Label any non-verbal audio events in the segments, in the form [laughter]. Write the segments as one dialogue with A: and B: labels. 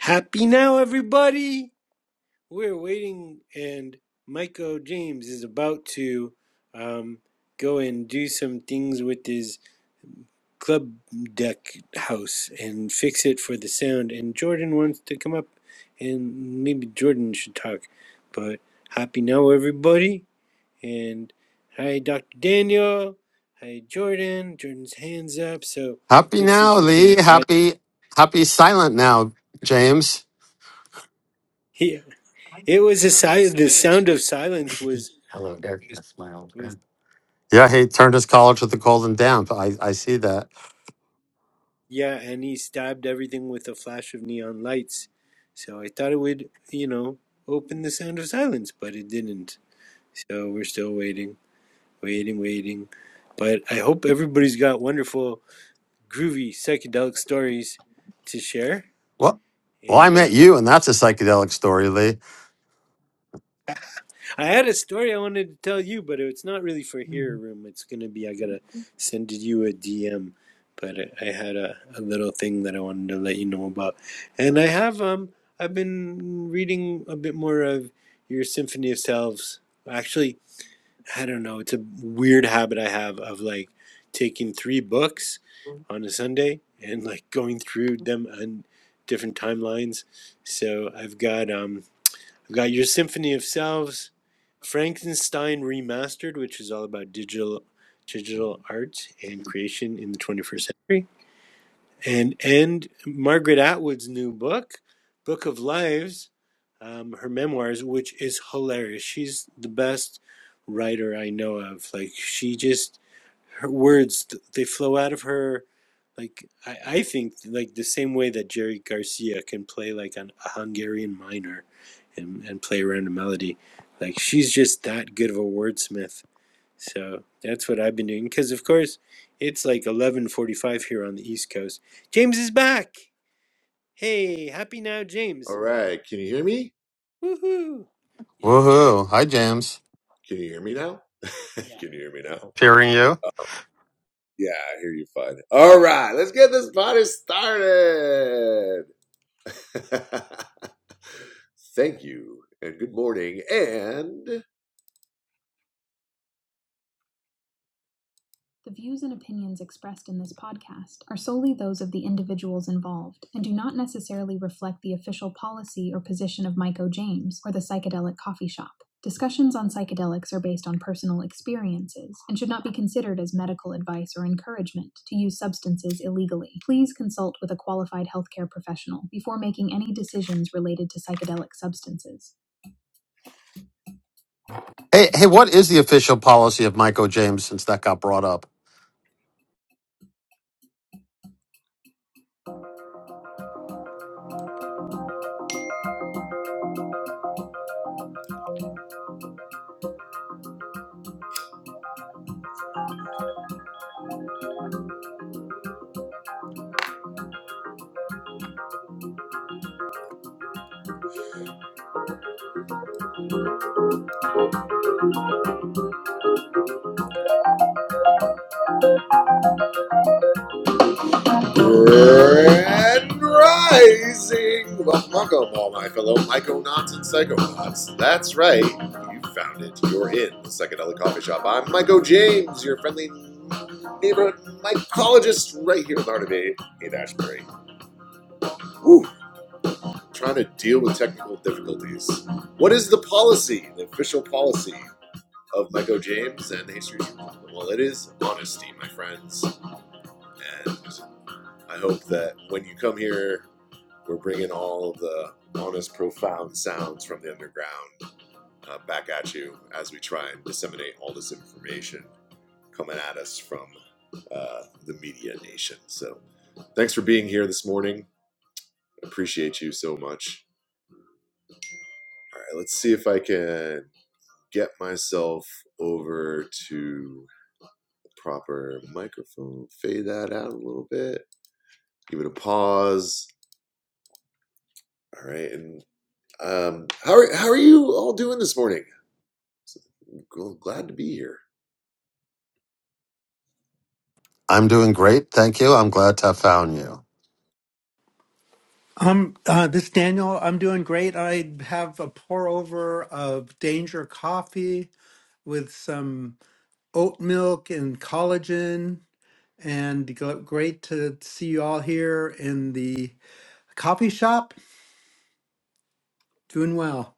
A: Happy now, everybody! We're waiting, and Michael James is about to um, go and do some things with his club deck house and fix it for the sound. And Jordan wants to come up, and maybe Jordan should talk. But happy now, everybody! And hi, Dr. Daniel. Hi, Jordan. Jordan's hands up. So
B: Happy
A: let's see if
B: now,
A: we
B: Lee.
A: can add. [laughs]
B: Happy, happy silent now, James.
A: He, it was a silent. The sound of silence was
B: Hello, Derek. That's my old
A: was.
B: friend. Yeah, he turned his collar to the cold and down. I, I see that.
A: Yeah, and he stabbed everything with a flash of neon lights. So I thought it would, you know, open the sound of silence, but it didn't. So we're still waiting, waiting, waiting. But I hope everybody's got wonderful, groovy, psychedelic stories to share.
B: Well, well, I
A: And uh,
B: met you, and that's a psychedelic story, Lee.
A: I had a story I wanted to tell you, but it's not really for here room. It's gonna be I gotta send you a DM. But I I had a, a little thing that I wanted to let you know about, and I have um I've been reading a bit more of your Symphony of Selves. Actually, I don't know. It's a weird habit I have of like taking three books on a Sunday and like going through them on different timelines. So I've got um We've got Your Symphony of Selves, Frankenstein Remastered, which is all about digital digital art and creation in the 21st century and and Margaret Atwood's new book, Book of Lives, um, her memoirs, which is hilarious. She's the best writer I know of. Like she just her words they flow out of her. Like I, I think like the same way that Jerry Garcia can play like an, a Hungarian minor, and and play around a melody. Like she's just that good of a wordsmith so that's what I've been doing. Because of course, it's like eleven forty-five here on the East Coast. James is back. Hey, happy now, James. Woohoo! Yeah.
B: Woohoo! Hi, James.
A: yeah.
B: Hearing you.
C: The views and opinions expressed in this podcast are solely those of the individuals involved and do not necessarily reflect the official policy or position of Mike O. James or the Psychedelic Coffee Shop. Discussions on psychedelics are based on personal experiences and should not be considered as medical advice or encouragement to use substances illegally. Please consult with a qualified healthcare professional before making any decisions related to psychedelic substances.
B: Hey, hey, what is the official policy of Michael James since that got brought up? I'm doing great, thank you. I'm glad to have found you.
D: Um, uh, this is Daniel, I'm doing great. I have a pour over of Danger coffee with some oat milk and collagen, and g- great to see you all here in the coffee shop. Doing well.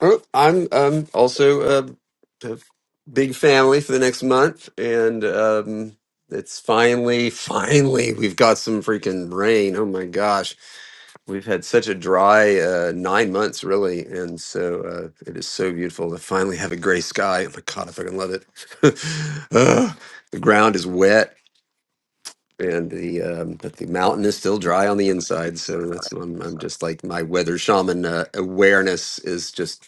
E: Oh, I'm um also a, a big family for the next month, and um it's finally, finally we've got some freaking rain. Oh my gosh, we've had such a dry uh, nine months really, and so uh, it is so beautiful to finally have a gray sky. Oh my god, I fucking love it. [laughs] Ugh, the ground is wet. And the um, but the mountain is still dry on the inside, so that's I'm, I'm just like my weather shaman uh, awareness is just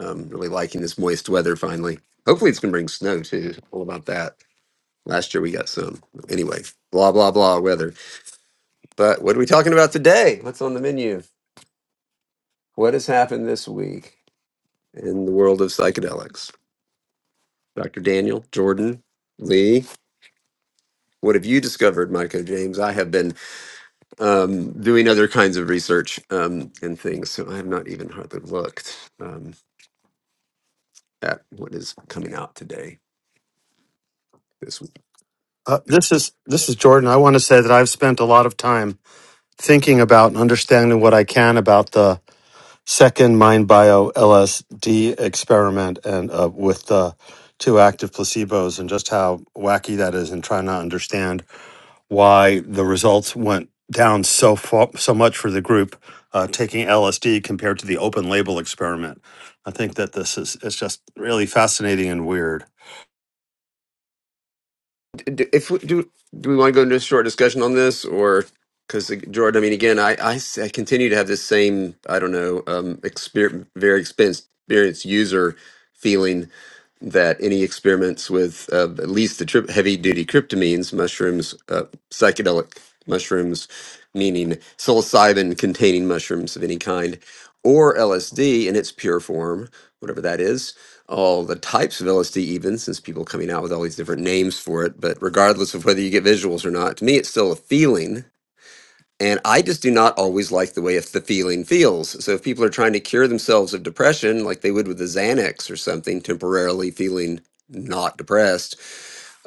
E: i really liking this moist weather finally. Hopefully, it's going to bring snow too. All about that. Last year we got some. Anyway, blah, blah, blah, weather. But what are we talking about today? What's on the menu? What has happened this week in the world of psychedelics? Dr. Daniel, Jordan, Lee, what have you discovered, Michael James? I have been um, doing other kinds of research um, and things, so I have not even hardly looked um, at what is coming out today. this week.
B: Uh, this is this is Jordan. I want to say that I've spent a lot of time thinking about and understanding what I can about the second MindBio LSD experiment and uh, with the two active placebos and just how wacky that is and trying to understand why the results went down so far, so much for the group uh, taking LSD compared to the open label experiment. I think that this is it's just really fascinating and weird.
E: d- if we, do do we want to go into a short discussion on this or because jordan i mean again I, I s- I continue to have this same i don't know um experience very expense experienced user feeling that any experiments with uh, at least the tri- heavy duty cryptamines, mushrooms, uh, psychedelic mushrooms, meaning psilocybin containing mushrooms of any kind, or LSD in its pure form, whatever that is, all the types of LSD, even since people coming out with all these different names for it, but regardless of whether you get visuals or not, to me, it's still a feeling and I just do not always like the way if the feeling feels. So if people are trying to cure themselves of depression, like they would with a Xanax or something, temporarily feeling not depressed,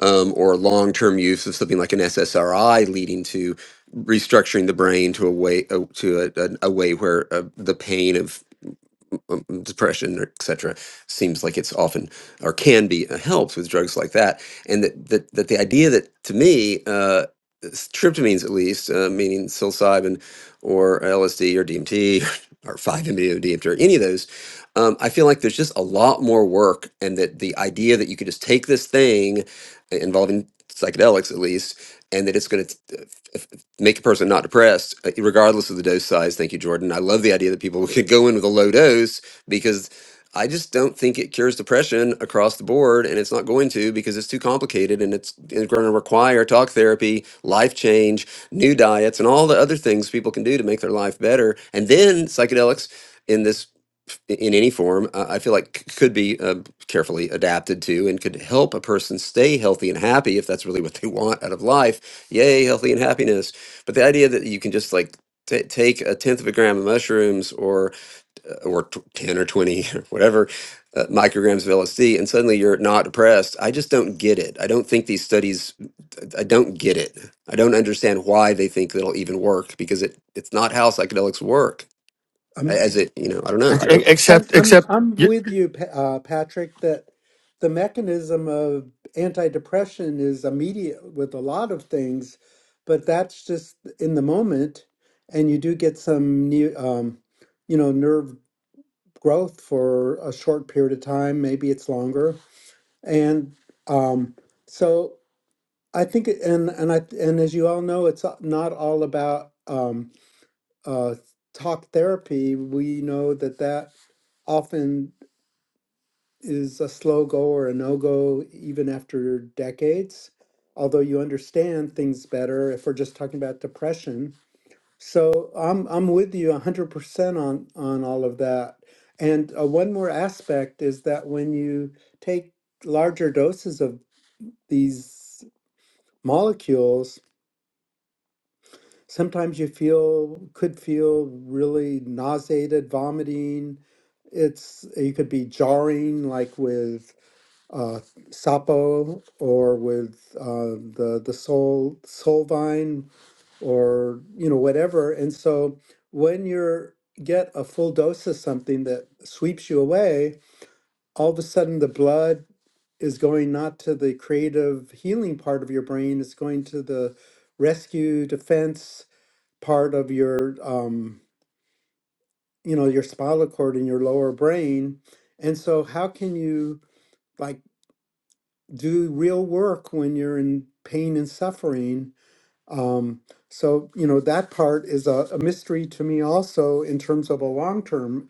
E: um, or long term use of something like an SSRI, leading to restructuring the brain to a way uh, to a, a, a way where uh, the pain of um, depression, or et cetera, seems like it's often or can be uh, helped with drugs like that. And that that, that the idea that to me, uh, s- tryptamines at least, uh, meaning psilocybin or LSD or DMT [laughs] or 5-MeO-DMT or any of those, um, I feel like there's just a lot more work, and that the idea that you could just take this thing uh, involving psychedelics at least, and that it's going to make a person not depressed, uh, regardless of the dose size. Thank you, Jordan. I love the idea that people [laughs] could go in with a low dose because I just don't think it cures depression across the board, and it's not going to because it's too complicated and it's going to require talk therapy, life change, new diets, and all the other things people can do to make their life better. And then psychedelics. In this i- in any form, I I feel like c- could be um, carefully adapted to and could help a person stay healthy and happy if that's really [laughs] what they want out of life. Yay, healthy and happiness. But the idea that you can just like ta take a tenth of a gram of mushrooms or uh, or t- 10 or 20 [laughs] or whatever uh, micrograms of LSD and suddenly you're not depressed. I just don't get it. I don't think these studies I I don't get it. I don't understand why they think it'll even work because it it's not how psychedelics work. A- As it, you know, I don't know.
B: Ex-
E: I don't
B: ex-
D: I'm
B: Except
D: I'm
B: except
D: I'm
B: you,
D: with you, Pa- uh, Patrick. That the mechanism of antidepressant is immediate with a lot of things, but that's just in the moment, and you do get some new, um, you know, nerve growth for a short period of time. Maybe it's longer, and um, so I think, it- and and I and as you all know, it's not all about um, uh, talk therapy. We know that that often. is a slow go or a no go even after decades, although you understand things better if we're just talking about depression. So I'm I'm with you 100% on on all of that. And uh, one more aspect is that when you take larger doses of these molecules, sometimes you feel could feel really nauseated, vomiting. It's it could be jarring, like with uh, sapo or with uh, the the soul soul vine or you know whatever. And so when you get a full dose of something that sweeps you away, all of a sudden the blood is going not to the creative healing part of your brain, it's going to the rescue defense part of your um, you know your spinal cord and your lower brain. And so how can you? like? do real work when you're in pain and suffering. Um, so, you know, that part is a, a mystery to me also in terms of a long term,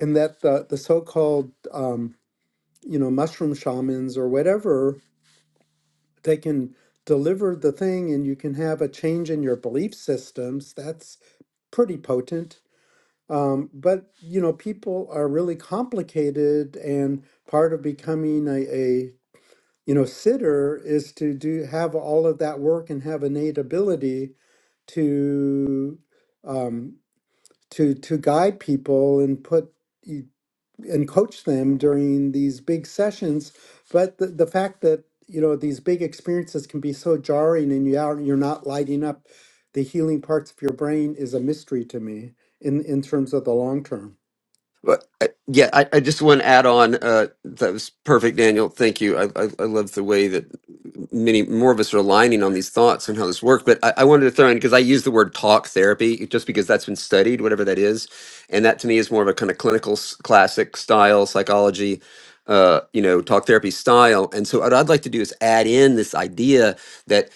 D: in that the, the so called, um, you know, mushroom shamans or whatever, they can deliver the thing and you can have a change in your belief systems. That's pretty potent. Um, but, you know, people are really complicated and part of becoming a, a you know, sitter is to do have all of that work and have innate ability to um, to to guide people and put and coach them during these big sessions. But the, the fact that you know these big experiences can be so jarring and you are you're not lighting up the healing parts of your brain is a mystery to me in in terms of the long term.
E: But uh, yeah, I, I just want to add on. Uh, that was perfect, Daniel. Thank you. I, I, I love the way that many more of us are aligning on these thoughts and how this works. But I, I wanted to throw in because I use the word talk therapy just because that's been studied, whatever that is, and that to me is more of a kind of clinical s- classic style psychology. Uh, you know, talk therapy style, and so what I'd like to do is add in this idea that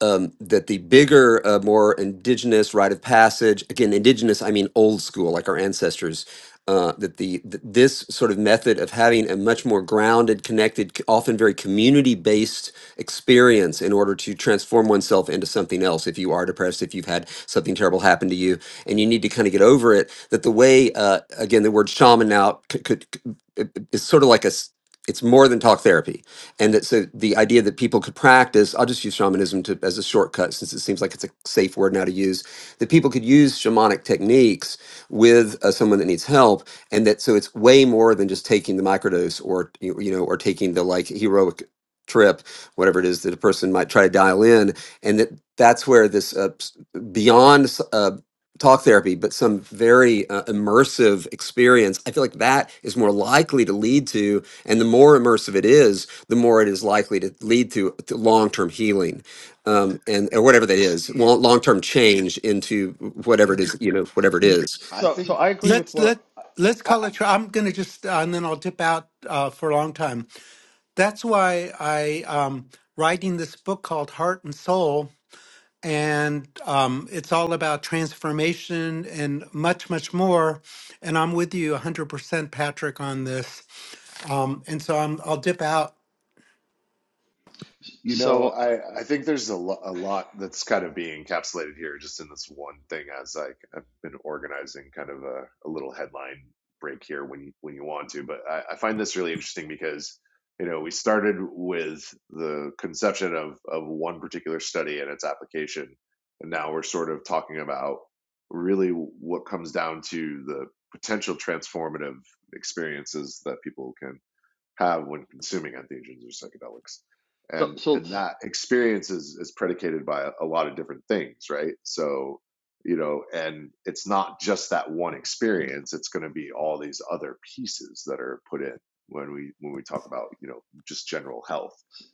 E: um, that the bigger, uh, more indigenous rite of passage, again, indigenous, I mean old school, like our ancestors uh, that the th- this sort of method of having a much more grounded, connected, c- often very community-based experience in order to transform oneself into something else. If you are depressed, if you've had something terrible happen to you, and you need to kind of get over it, that the way uh, again the word shaman now could, could, could it- it- it's sort of like a s- it's more than talk therapy and that so the idea that people could practice i'll just use shamanism to, as a shortcut since it seems like it's a safe word now to use that people could use shamanic techniques with uh, someone that needs help, and that so it's way more than just taking the microdose or you you know or taking the like heroic trip, whatever it is that a person might try to dial in, and that that's where this uh, s- beyond s- uh, talk therapy, but some very uh, immersive experience. I feel like that is more likely to lead to, and the more immersive it is, the more it is likely to lead to, to long-term healing, um, and or whatever that is,
C: Yeah.
E: long- long-term change into whatever it is,
D: Yeah.
E: you know, whatever it is.
D: Let's let let's call it. tr- I'm gonna just uh, and then I'll dip out uh, for a long time. that's why I um writing this book called Heart and Soul, and um, it's all about transformation and much, much more. And I'm with you 100%, Patrick, on this. Um, and so I'm, I'll dip out.
B: So, so, s-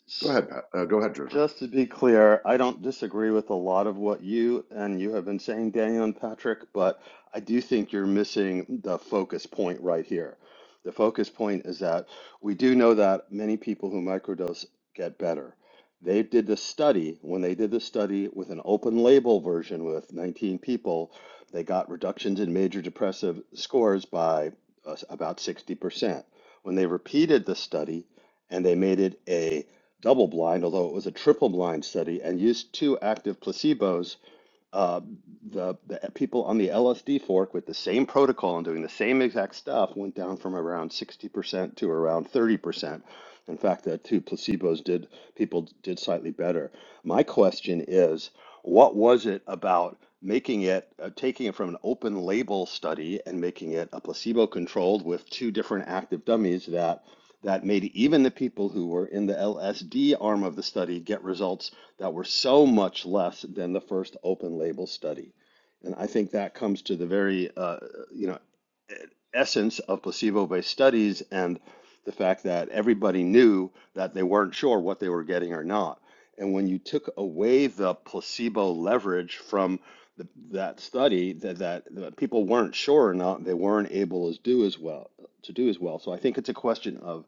B: s- Just to be clear, I don't disagree with a lot of what you and you have been saying, Daniel and Patrick, but I do think you're missing the focus point right here. The focus point is that we do know that many people who microdose get better. They did the study, when they did the study with an open label version with 19 people, they got reductions in major depressive scores by uh, about 60%. When they repeated the study and they made it a double blind, although it was a triple blind study, and used two active placebos uh, the, the people on the LSD fork with the same protocol and doing the same exact stuff went down from around 60% to around 30%. In fact, the two placebos did, people did slightly better. My question is, what was it about making it, uh, taking it from an open label study and making it a placebo controlled with two different active dummies that that made even the people who were in the LSD arm of the study get results that were so much less than the first open label study. And I think that comes to the very, uh, you know, essence of placebo-based studies and the fact that everybody knew that they weren't sure what they were getting or not. And when you took away the placebo leverage from the, that study, that, that that people weren't sure or not, they weren't able to do as well to do as well. So I think it's a question of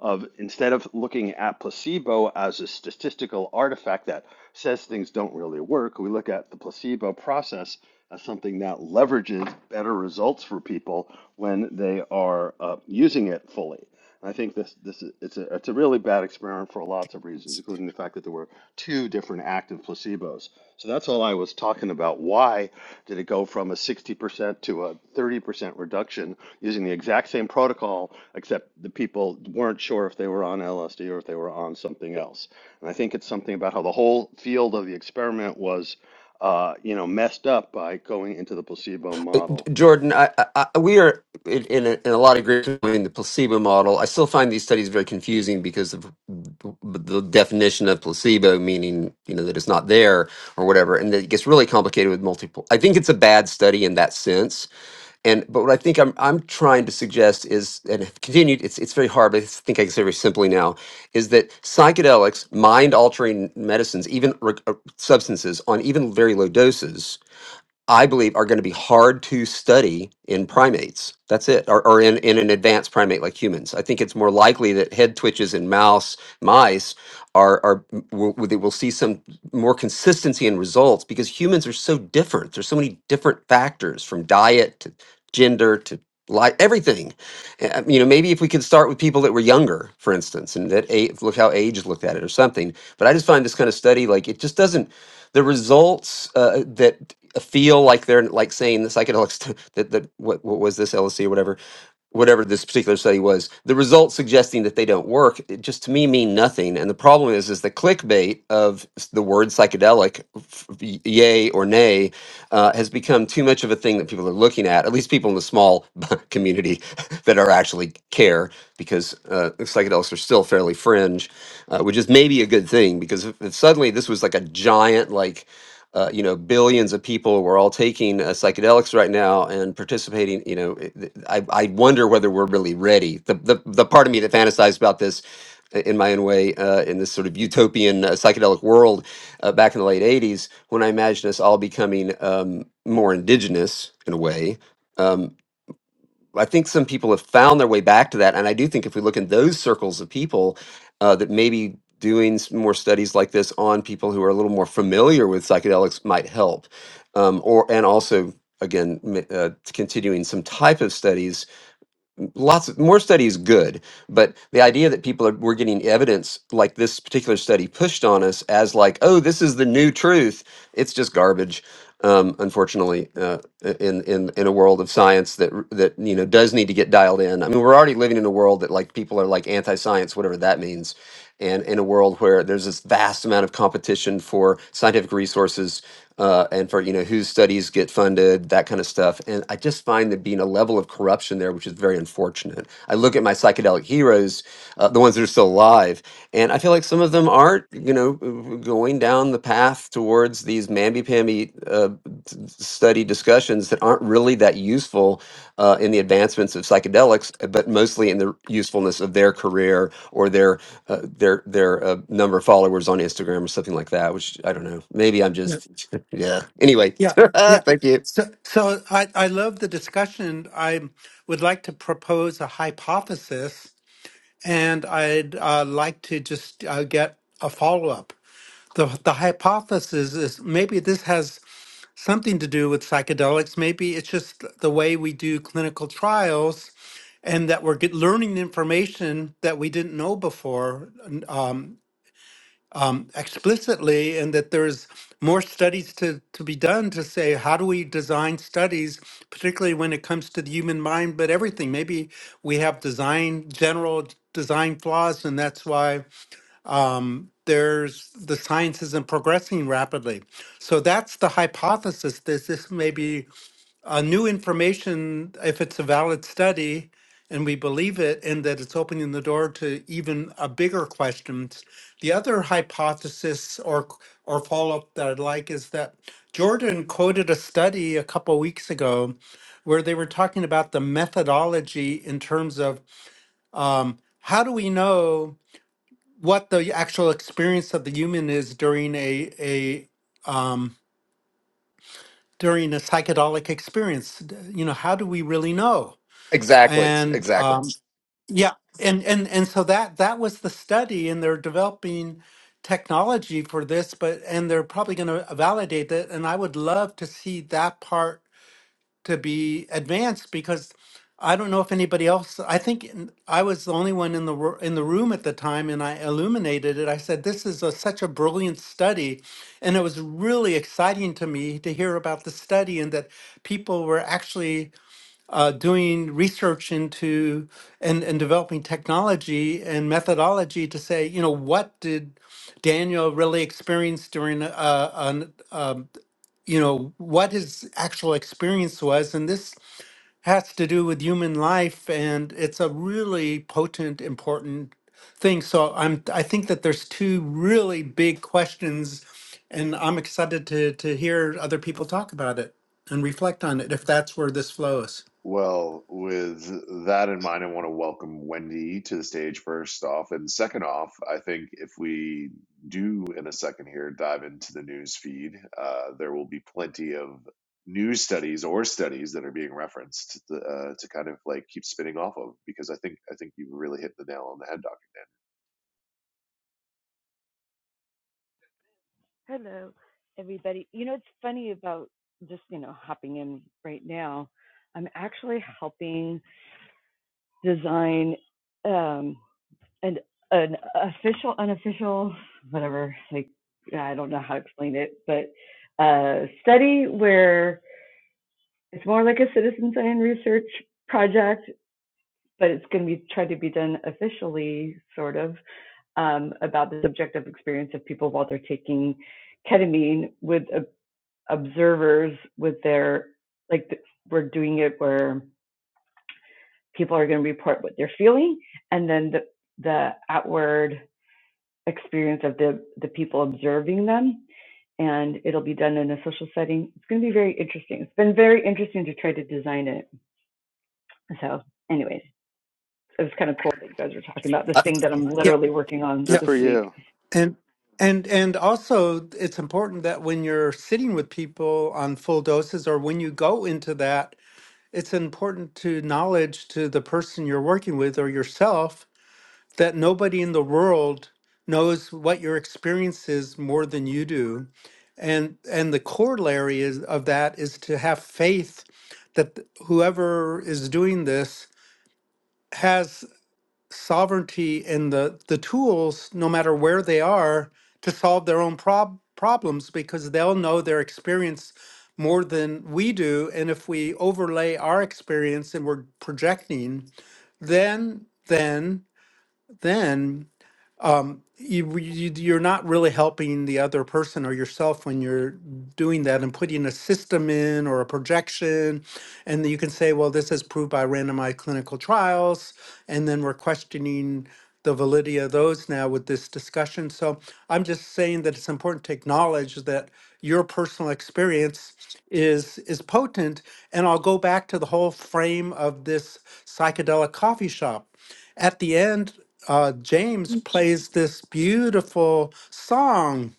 B: of instead of looking at placebo as a statistical artifact that says things don't really work, we look at the placebo process as something that leverages better results for people when they are uh, using it fully. And I think this this is, it's a it's a really bad experiment for lots of reasons, including the fact that there were two different active placebos. So that's all I was talking about. Why did it go from a 60% to a 30% reduction using the exact same protocol, except the people weren't sure if they were on LSD or if they were on something else. And I think it's something about how the whole field of the experiment was, uh, you know, messed up by going into the placebo model.
E: Jordan, I, I, I- we are in, in, a, in a lot of agreement in the placebo model. I still find these studies very confusing because of the definition of placebo, meaning you know that it's not there or whatever, and it gets really complicated with multiple. I think it's a bad study in that sense. And but what I think I'm I'm trying to suggest is and have continued. It's it's very hard, but I think I can say very simply now is that psychedelics, mind altering medicines, even re- uh, substances on even very low doses I believe are going to be hard to study in primates. That's it, or, or in, in an advanced primate like humans. I think it's more likely that head twitches in mouse mice are are will, will will see some more consistency in results because humans are so different. There's so many different factors from diet to gender to life, everything. Uh, You know, maybe if we could start with people that were younger, for instance, and that age, look how age looked at it or something. But I just find this kind of study like it just doesn't the results uh, that feel like they're like saying the psychedelics [laughs] that that what, what was this LSD or whatever whatever this particular study was the results suggesting that they don't work it just to me mean nothing and the problem is is the clickbait of s- the word psychedelic f- y- yay or nay uh, has become too much of a thing that people are looking at, at least people in the small [laughs] community [laughs] that are actually care, because uh, psychedelics are still fairly fringe, uh, which is maybe a good thing. Because if, if suddenly this was like a giant, like uh, you know, billions of people were all taking uh, psychedelics right now and participating. You know, it- th- I, I wonder whether we're really ready. The, the the part of me that fantasized about this uh, in my own way uh, in this sort of utopian uh, psychedelic world uh, back in the late 80s when i imagined us all becoming um, more indigenous in a way Um, I think some people have found their way back to that, and I do think if we look in those circles of people, uh, that maybe doing some more studies like this on people who are a little more familiar with psychedelics might help, um, or and also again m- uh, continuing some type of studies lots of more studies, good, but the idea that people are we're getting evidence like this particular study pushed on us as like, oh, this is the new truth. It's just garbage. Um, unfortunately, uh, in in in a world of science that r- that you know does need to get dialed in. I mean, we're already living in a world that like people are like anti-science, whatever that means, and in a world where there's this vast amount of competition for scientific resources uh, and for you know whose studies get funded, that kind of stuff. And I just find there being a level of corruption there, which is very unfortunate. I look at my psychedelic heroes, uh, the ones that are still alive, and I feel like some of them are you know, going down the path towards these mamby-pamby uh, t- study discussions that aren't really that useful uh, in the advancements of psychedelics, uh, but mostly in the usefulness of their career or their uh, their their uh, number of followers on Instagram or something like that. Which I don't know. Maybe I'm
D: Yeah,
E: just yeah. Anyway,
D: yeah.
E: [laughs]
D: yeah.
E: thank you.
D: So, so I, I love the discussion. I would like to propose a hypothesis, and I'd uh, like to just uh, get a follow up. The, the hypothesis is maybe this has something to do with psychedelics. Maybe it's just the way we do clinical trials and that we're get, learning information that we didn't know before um, explicitly, and that there's more studies to, to be done to say how do we design studies, particularly when it comes to the human mind, but everything. Maybe we have design, general design flaws, and that's why. Um, there's the science isn't progressing rapidly. So that's the hypothesis. that this may be uh, new information, if it's a valid study and we believe it, and that it's opening the door to even a bigger questions. The other hypothesis or or follow up that I'd like is that Jordan quoted a study a couple weeks ago where they were talking about the methodology in terms of um, how do we know what the actual experience of the human is during a a um, during a psychedelic experience. D- You know, how do we really know?
E: Exactly.
D: and
E: Exactly.
D: um, yeah and and and so that that was the study and they're developing technology for this but and they're probably going to validate that and i would love to see that part to be advanced because i don't know if anybody else i think n- i was the only one in the ro- in the room at the time and i illuminated it i said this is a, such a brilliant study and it was really exciting to me to hear about the study and that people were actually uh, doing research into and, and developing technology and methodology to say, you know, what did Daniel really experience during, uh, an, um, you know, what his actual experience was. And this has to do with human life, and it's a really potent, important thing. So I'm, I think that there's two really big questions, and I'm excited to to hear other people talk about it and reflect on it if that's where this flows.
F: Hello, everybody. You know, it's funny about just, you know, hopping in right now. I'm actually helping design um, an an official, unofficial, whatever. Like, I don't know how to explain it, but a study where it's more like a citizen science research project, but it's going to be tried to be done officially, sort of, um, about the subjective experience of people while they're taking ketamine with a. observers with their like we're doing it where people are going to report what they're feeling and then the the outward experience of the the people observing them and it'll be done in a social setting it's going to be very interesting it's been very interesting to try to design it so anyways it was kind of cool that you guys were talking about this
E: Uh,
F: thing that i'm
D: yeah.
F: literally working on
D: Yeah.
B: Good
F: this
B: for
F: week
B: you.
D: And and and also it's important that when you're sitting with people on full doses or when you go into that, it's important to knowledge to the person you're working with or yourself that nobody in the world knows what your experience is more than you do. And and the corollary is of that is to have faith that th- whoever is doing this has sovereignty and the the tools, no matter where they are, to solve their own prob- problems because they'll know their experience more than we do. And if we overlay our experience and we're projecting, then then then you, you you're not really helping the other person or yourself when you're doing that and putting a system in or a projection and then you can say well this is proved by randomized clinical trials and then we're questioning the validity of those now with this discussion so i'm just saying that it's important to acknowledge that your personal experience is is potent and i'll go back to the whole frame of this psychedelic coffee shop at the end, uh, James plays this beautiful song.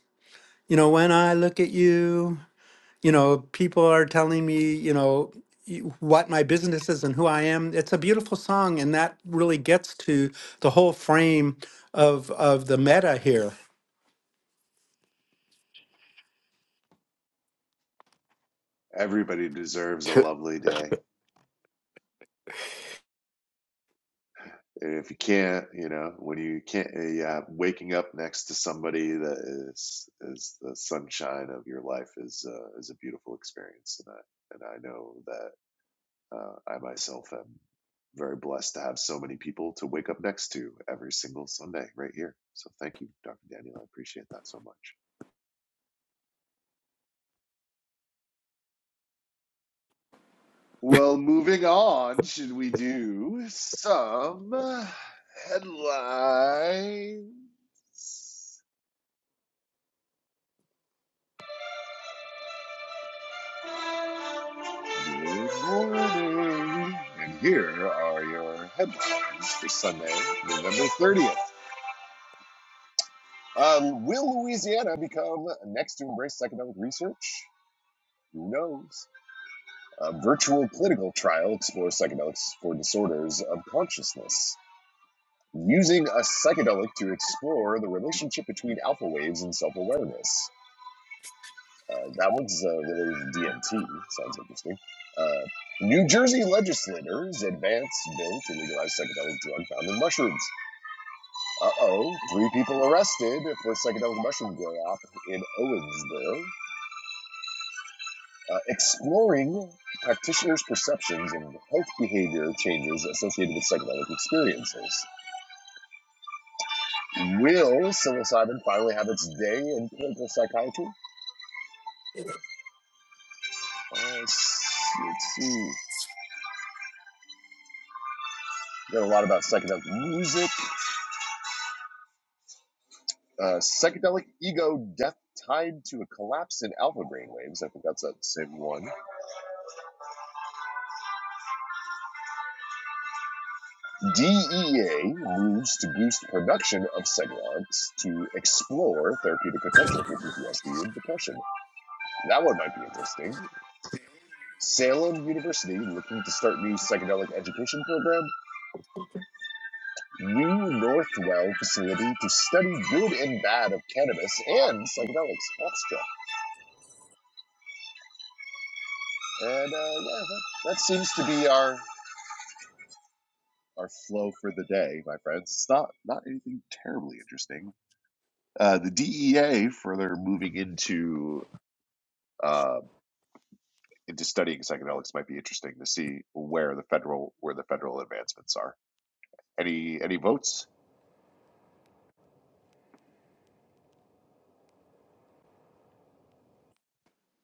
D: You know, when I look at you, you know, people are telling me, you know, y- what my business is and who I am. It's a beautiful song, and that really gets to the whole frame of of the meta here.
E: [laughs]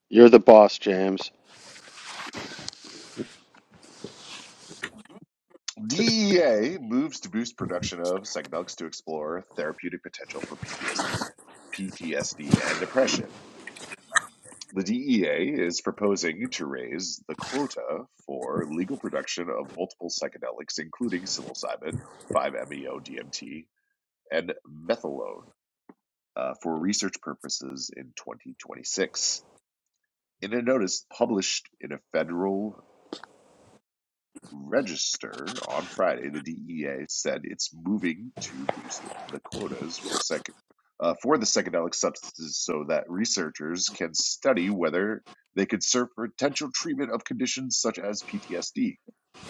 B: You're the boss, James.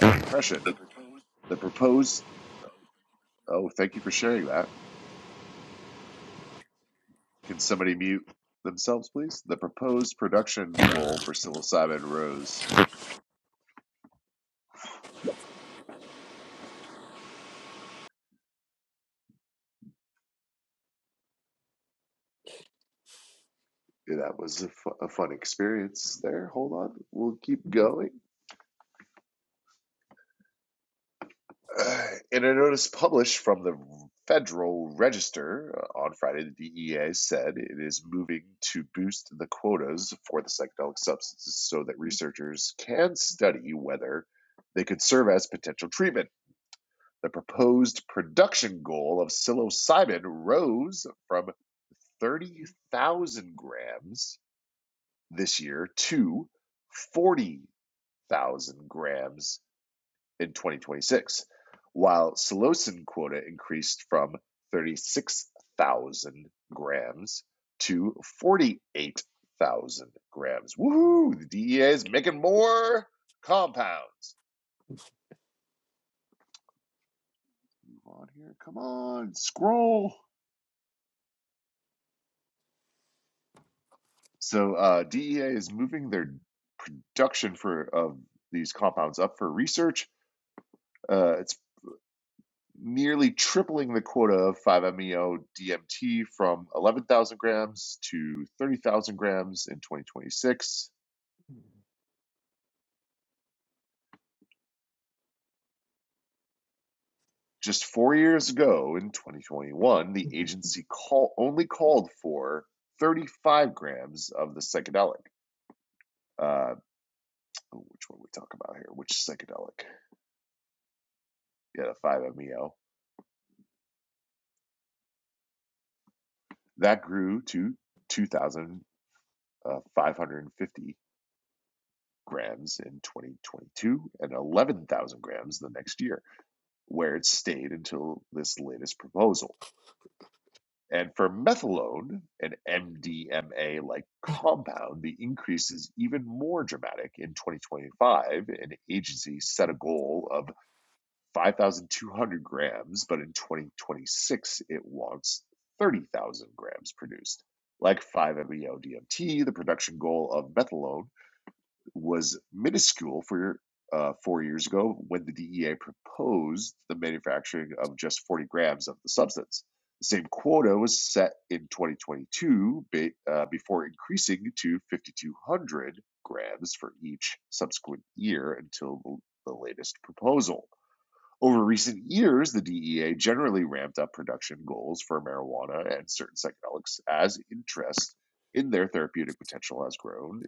G: All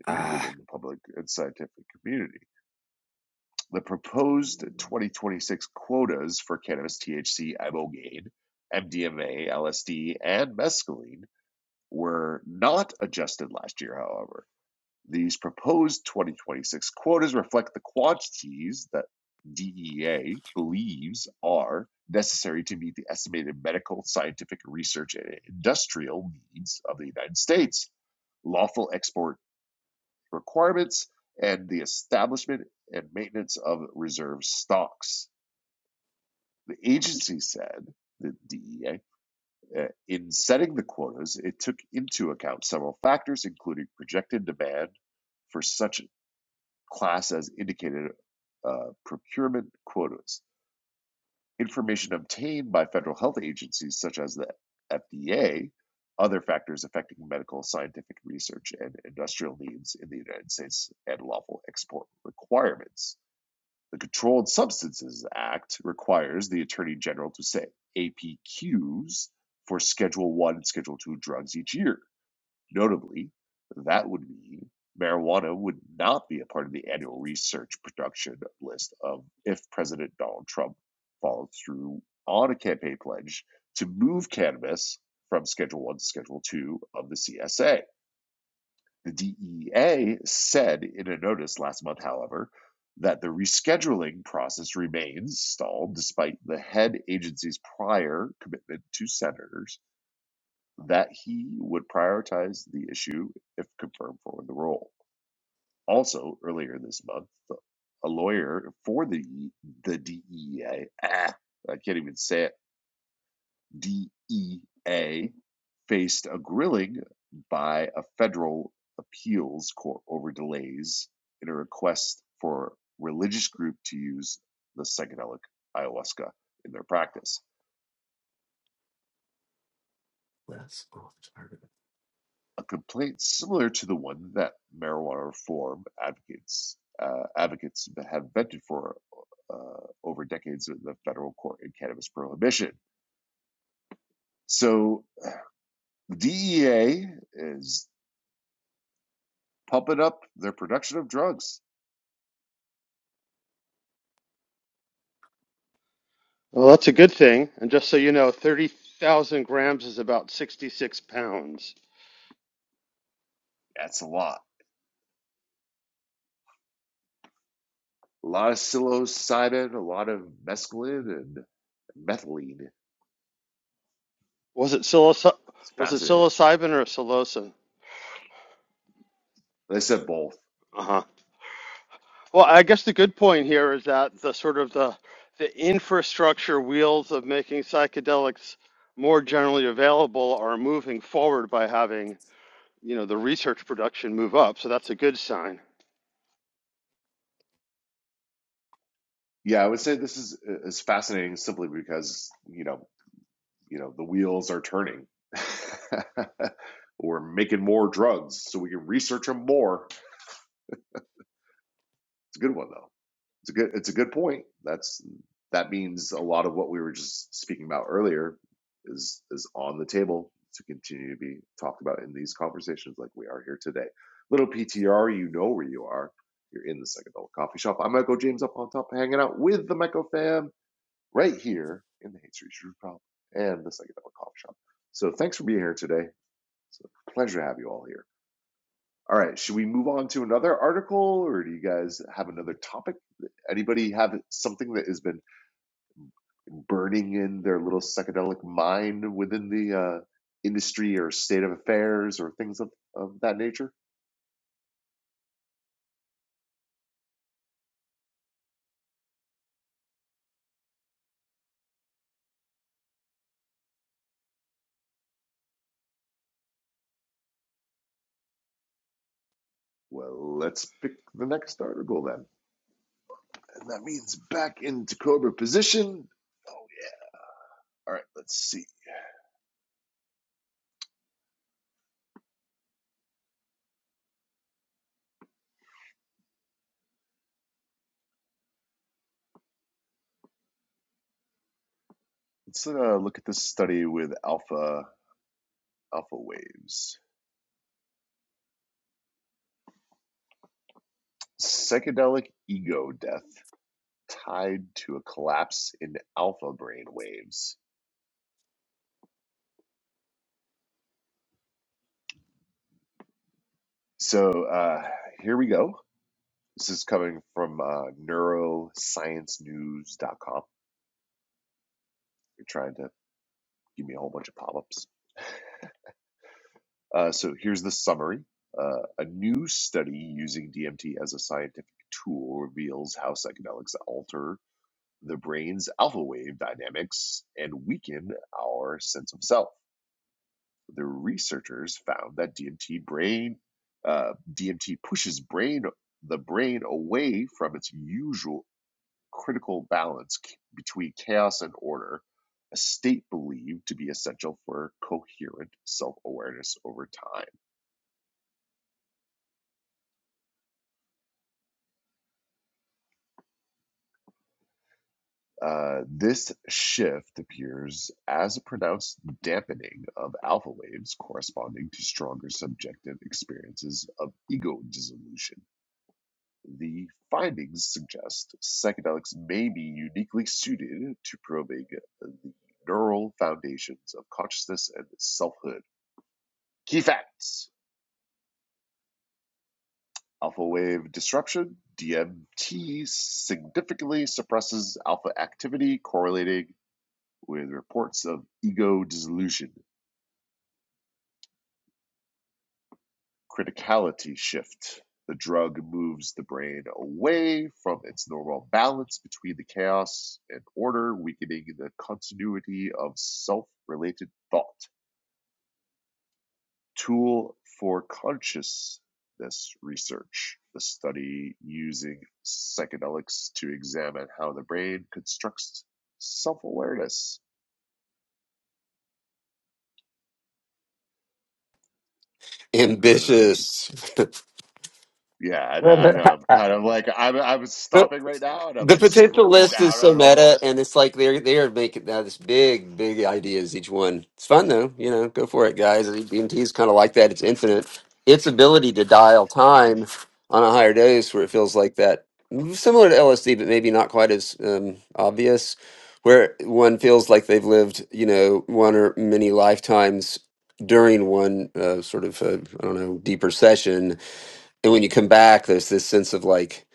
E: ah,
B: Well, that's a good thing. And just so you know, 30,000 grams is about 66 pounds. Was it psilocy- was it psilocybin or psilocin? Uh-huh. Well, I guess the good point here is that the sort of the the infrastructure wheels of making psychedelics more generally available are moving forward by having, you know, the research production move up. So that's a good sign.
E: ambitious. [laughs] The potential list is so meta, and it's like they're they're making now this big, big ideas each one. It's fun though, you know. Go for it, guys. DMT is kind of like that. It's infinite. Its ability to dial time on a higher dose, where it feels like that, similar to LSD, but maybe not quite as um, obvious, where one feels like they've lived, you know, one or many lifetimes during one uh, sort of, uh, I don't know, deeper session and when you come back, there's this sense of like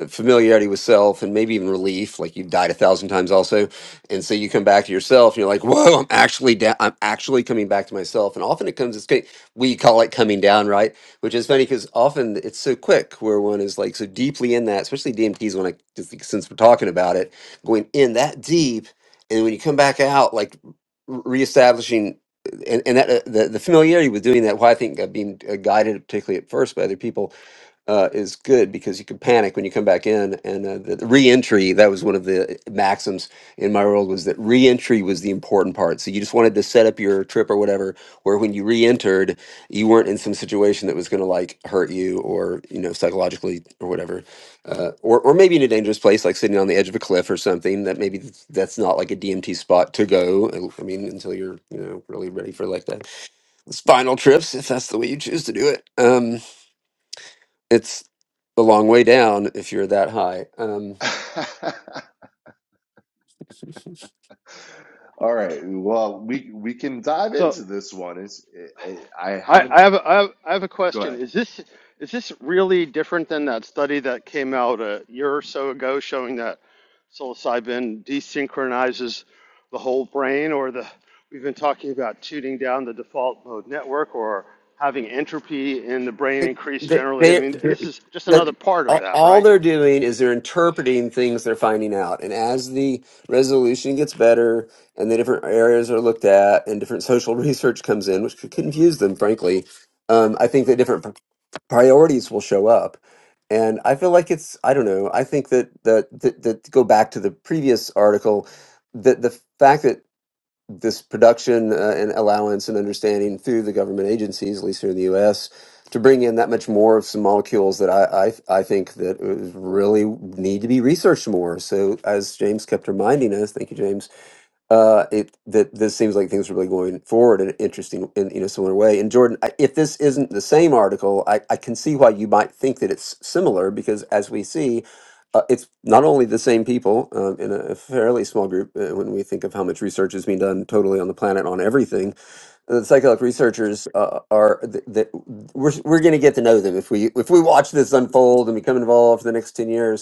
E: f- familiarity with self and maybe even relief, like you've died a thousand times also. And so you come back to yourself and you're like, whoa, I'm actually down. I'm actually coming back to myself. And often it comes, it's, ki- we call it coming down, right? Which is funny because often it's so quick where one is like so deeply in that, especially DMTs when I, just like, since we're talking about it, going in that deep. And when you come back out, like re- reestablishing and, and that, uh, the, the familiarity with doing that, why I think uh, being uh, guided, particularly at first by other people, uh, is good because you can panic when you come back in. And uh, the, the entry that was one of the maxims in my world was that re-entry was the important part. So you just wanted to set up your trip or whatever, where when you re-entered, you weren't in some situation that was going to like hurt you or, you know, psychologically or whatever. Uh, or, or maybe in a dangerous place, like sitting on the edge of a cliff or something that maybe th- that's not like a DMT spot to go. I I mean, until you're, you know, really ready for like that spinal trips, if that's the way you choose to do it. Um, it's a long way down if you're that high. Um,
B: So I, I have a, I have, I have a question. Is this is this really different than that study that came out a year or so ago showing that psilocybin desynchronizes the whole brain, or the we've been talking about shooting down the default mode network, or having entropy in the brain
E: they,
B: increase
E: they,
B: generally? I
E: they,
B: mean, this is just another
E: that-
B: part of
E: all
B: that,
E: all
B: right?
E: they're doing is they're interpreting things they're finding out. And as the resolution gets better and the different areas are looked at and different social [laughs] research comes in, which could confuse them, frankly, um, I think that different pr- priorities will show up. And I feel like it's, I don't know, I think that, that, that, that to go back to the previous article, that the fact that this production uh, and allowance and understanding through the government agencies, at least here in the U.S., to bring in that much more of some molecules that I I, I think that is- really need to be researched more. So as James kept reminding us, thank you, James uh, it that this seems like things are really going forward in an interesting in in a similar way. And Jordan, I, if this isn't the same article, I, I can see why you might think that it's similar because as we see, uh, it's not only the same people um, in a fairly small group. Uh, when we think of how much research is being done totally on the planet on everything, the psychedelic researchers uh, are th- that we're we're going to get to know them if we if we watch this unfold and become involved for the next ten years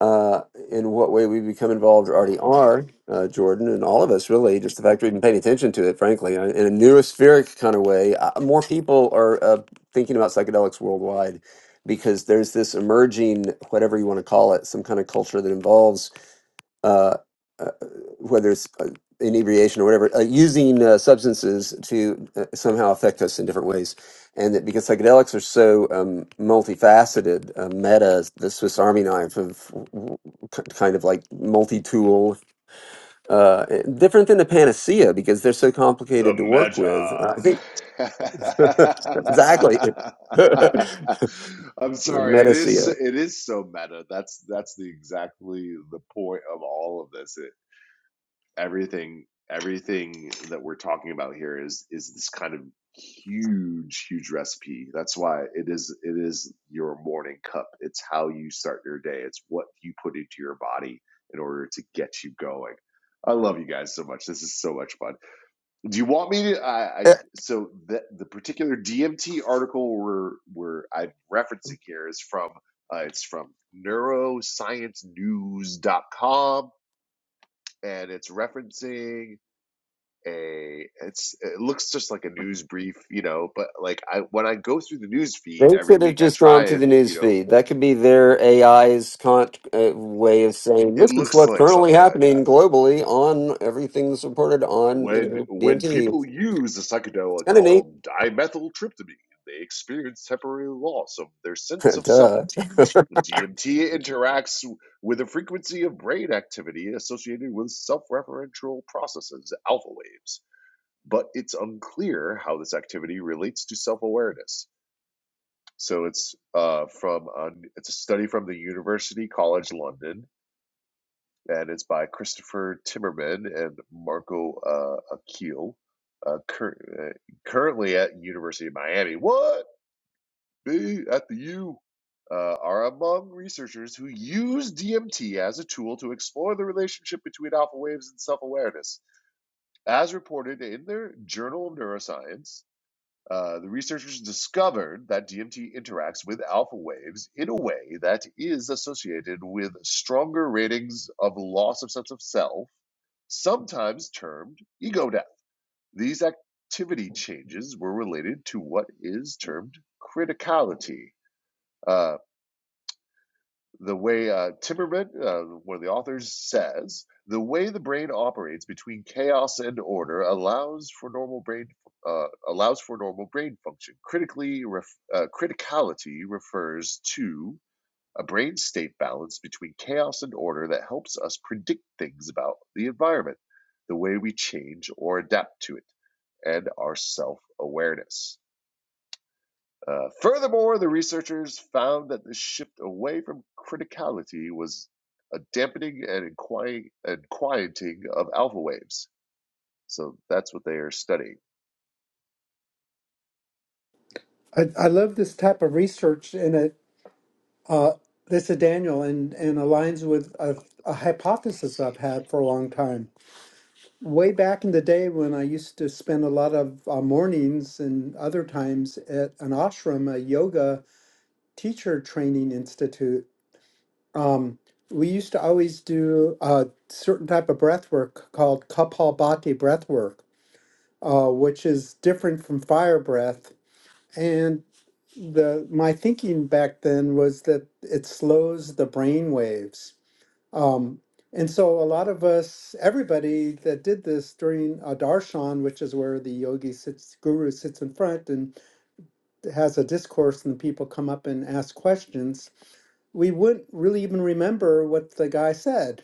E: uh, in what way we become involved or already are, uh, Jordan, and all of us really, just the fact we're even paying attention to it, frankly, in a in a neurospheric kind of way. Uh, more people are uh, thinking about psychedelics worldwide because there's this emerging, whatever you want to call it, some kind of culture that involves uh, uh, whether it's uh, inebriation or whatever, uh, using uh, substances to uh, somehow affect us in different ways. And that because psychedelics are so um, multifaceted, uh, meta, the Swiss Army knife of w- w- k- kind of like multi tool, uh, eh, different than the panacea because they're so complicated to work with. Uh, I think [laughs] exactly. [laughs] the Metacea. They could have just gone through the news feed. That could be their AI's con- uh, way of saying this is what's currently happening globally on everything that's reported on, you know, DMT. It's Kind of neat. [laughs] Duh.
D: I, I love this type of research, and it uh, this is Daniel, and and aligns with a, a hypothesis I've had for a long time way back in the day when I used to spend a lot of uh, mornings and other times at an ashram, a yoga teacher training institute, we used to always do a certain type of breath work called Kapalbhati breath work, uh, which is different from fire breath. And the my thinking back then was that it slows the brain waves Um, and so a lot of us, everybody that did this during a darshan, which is where the yogi sits, guru sits in front and has a discourse, and people come up and ask questions, we wouldn't really even remember what the guy said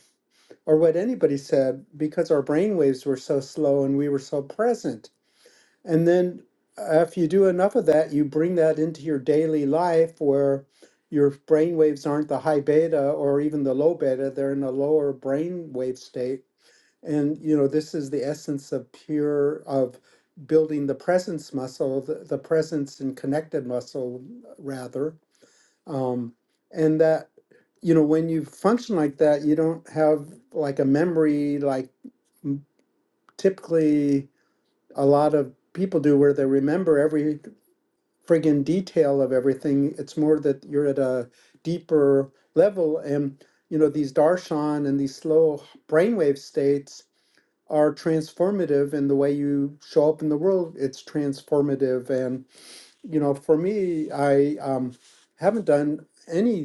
D: or what anybody said because our brainwaves were so slow and we were so present. And then uh, if you do enough of that, you bring that into your daily life where your brain waves aren't the high beta or even the low beta, they're in a lower brain wave state. And you know, this is the essence of pure of building the presence muscle, the, the presence and connected muscle rather. Um, and that you know, when you function like that, you don't have like a memory like m- typically a lot of people do where they remember every friggin' detail of everything. It's more that you're at a deeper level. And, you know, these darshan and these slow brainwave states are transformative in the way you show up in the world. It's transformative. And, you know, for me, I um, haven't done any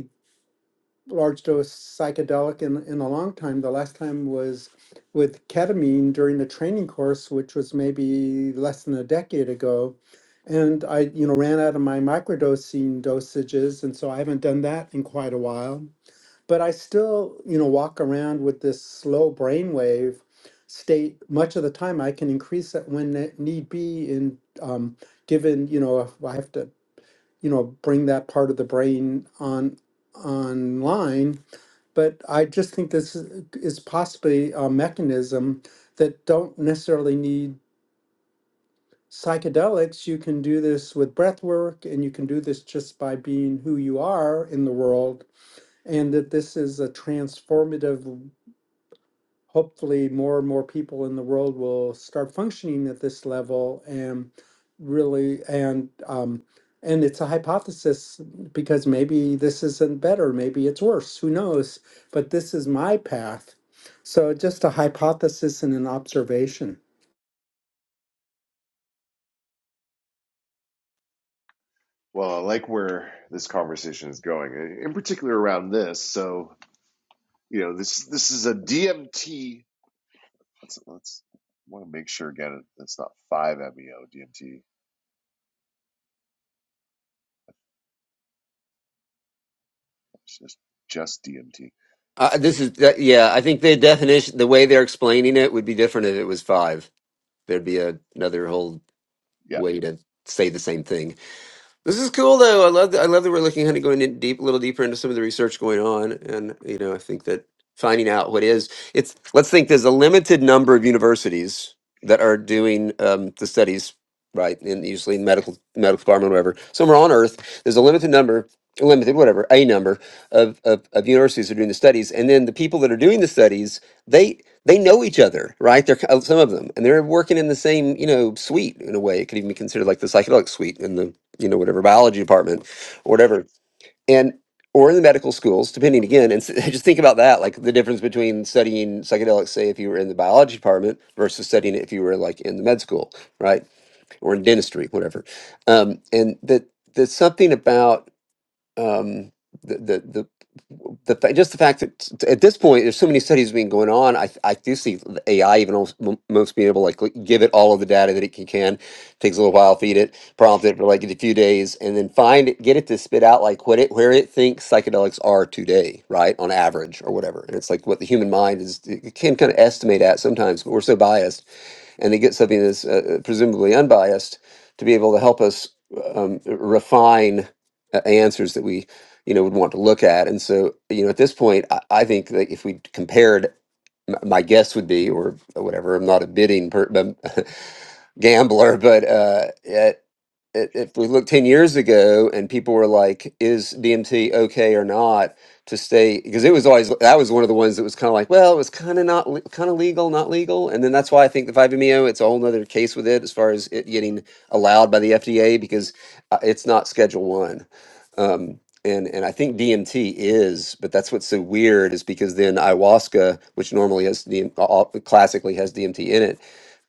D: large dose psychedelic in in a long time. The last time was with ketamine during the training course, which was maybe less than a decade ago. And I, you know, ran out of my microdosing dosages, and so I haven't done that in quite a while. But I still, you know, walk around with this slow brainwave state much of the time. I can increase it when it need be, in um, given, you know, if I have to, you know, bring that part of the brain on online but I just think this is is possibly a mechanism that don't necessarily need psychedelics. You can do this with breath work, and you can do this just by being who you are in the world, and that this is a transformative hopefully more and more people in the world will start functioning at this level and really and um and it's a hypothesis because maybe this isn't better maybe it's worse who knows but this is my path so just a hypothesis and an observation
E: Uh, this is that yeah. I think the definition, the way they're explaining it, would be different if it was five. There'd be a, another whole way to say the same thing. This is cool though. I love that, I love that we're looking kind of going in deep, a little deeper into some of the research going on, and you know, I think that finding out what is it's. Let's think. There's a limited number of universities that are doing um, the studies, right? And usually in medical, medical department, whatever. Somewhere on Earth, there's a limited number, limited whatever, a number of of, of universities that are doing the studies, and then the people that are doing the studies, they they know each other, right? They're ki- some of them, and they're working in the same, you know, suite in a way. It could even be considered like the psychedelic suite in the you know whatever biology department or whatever and or in the medical schools depending again and s- [laughs] just think about that like the difference between studying psychedelics say if you were in the biology department versus studying it if you were like in the med school right or in dentistry whatever um, and that there's something about um, the the the, the fa- just the fact that t- at this point there's so many studies being going on. I I do see the AI even almost, m- most being able to like l- give it all of the data that it can, can takes a little while, feed it, prompt it for like a few days, and then find it, get it to spit out like what it where it thinks psychedelics are today, right on average or whatever. And it's like what the human mind is it can kind of estimate at sometimes, but we're so biased and to get something that's uh, uh, presumably unbiased to be able to help us um, refine uh, answers that we you know would want to look at and so you know at this point i, I think that if we compared m- my guess would be or whatever i'm not a bidding per, um, [laughs] gambler but uh, i- if we look 10 years ago and people were like is dmt okay or not to stay because it was always that was one of the ones that was kind of like well it was kind of not kind of legal not legal and then that's why i think the 5meo it's a whole nother case with it as far as it getting allowed by the fda because uh, it's not schedule one um, and and i think dmt is but that's what's so weird is because then ayahuasca which normally has DM, uh, classically has dmt in it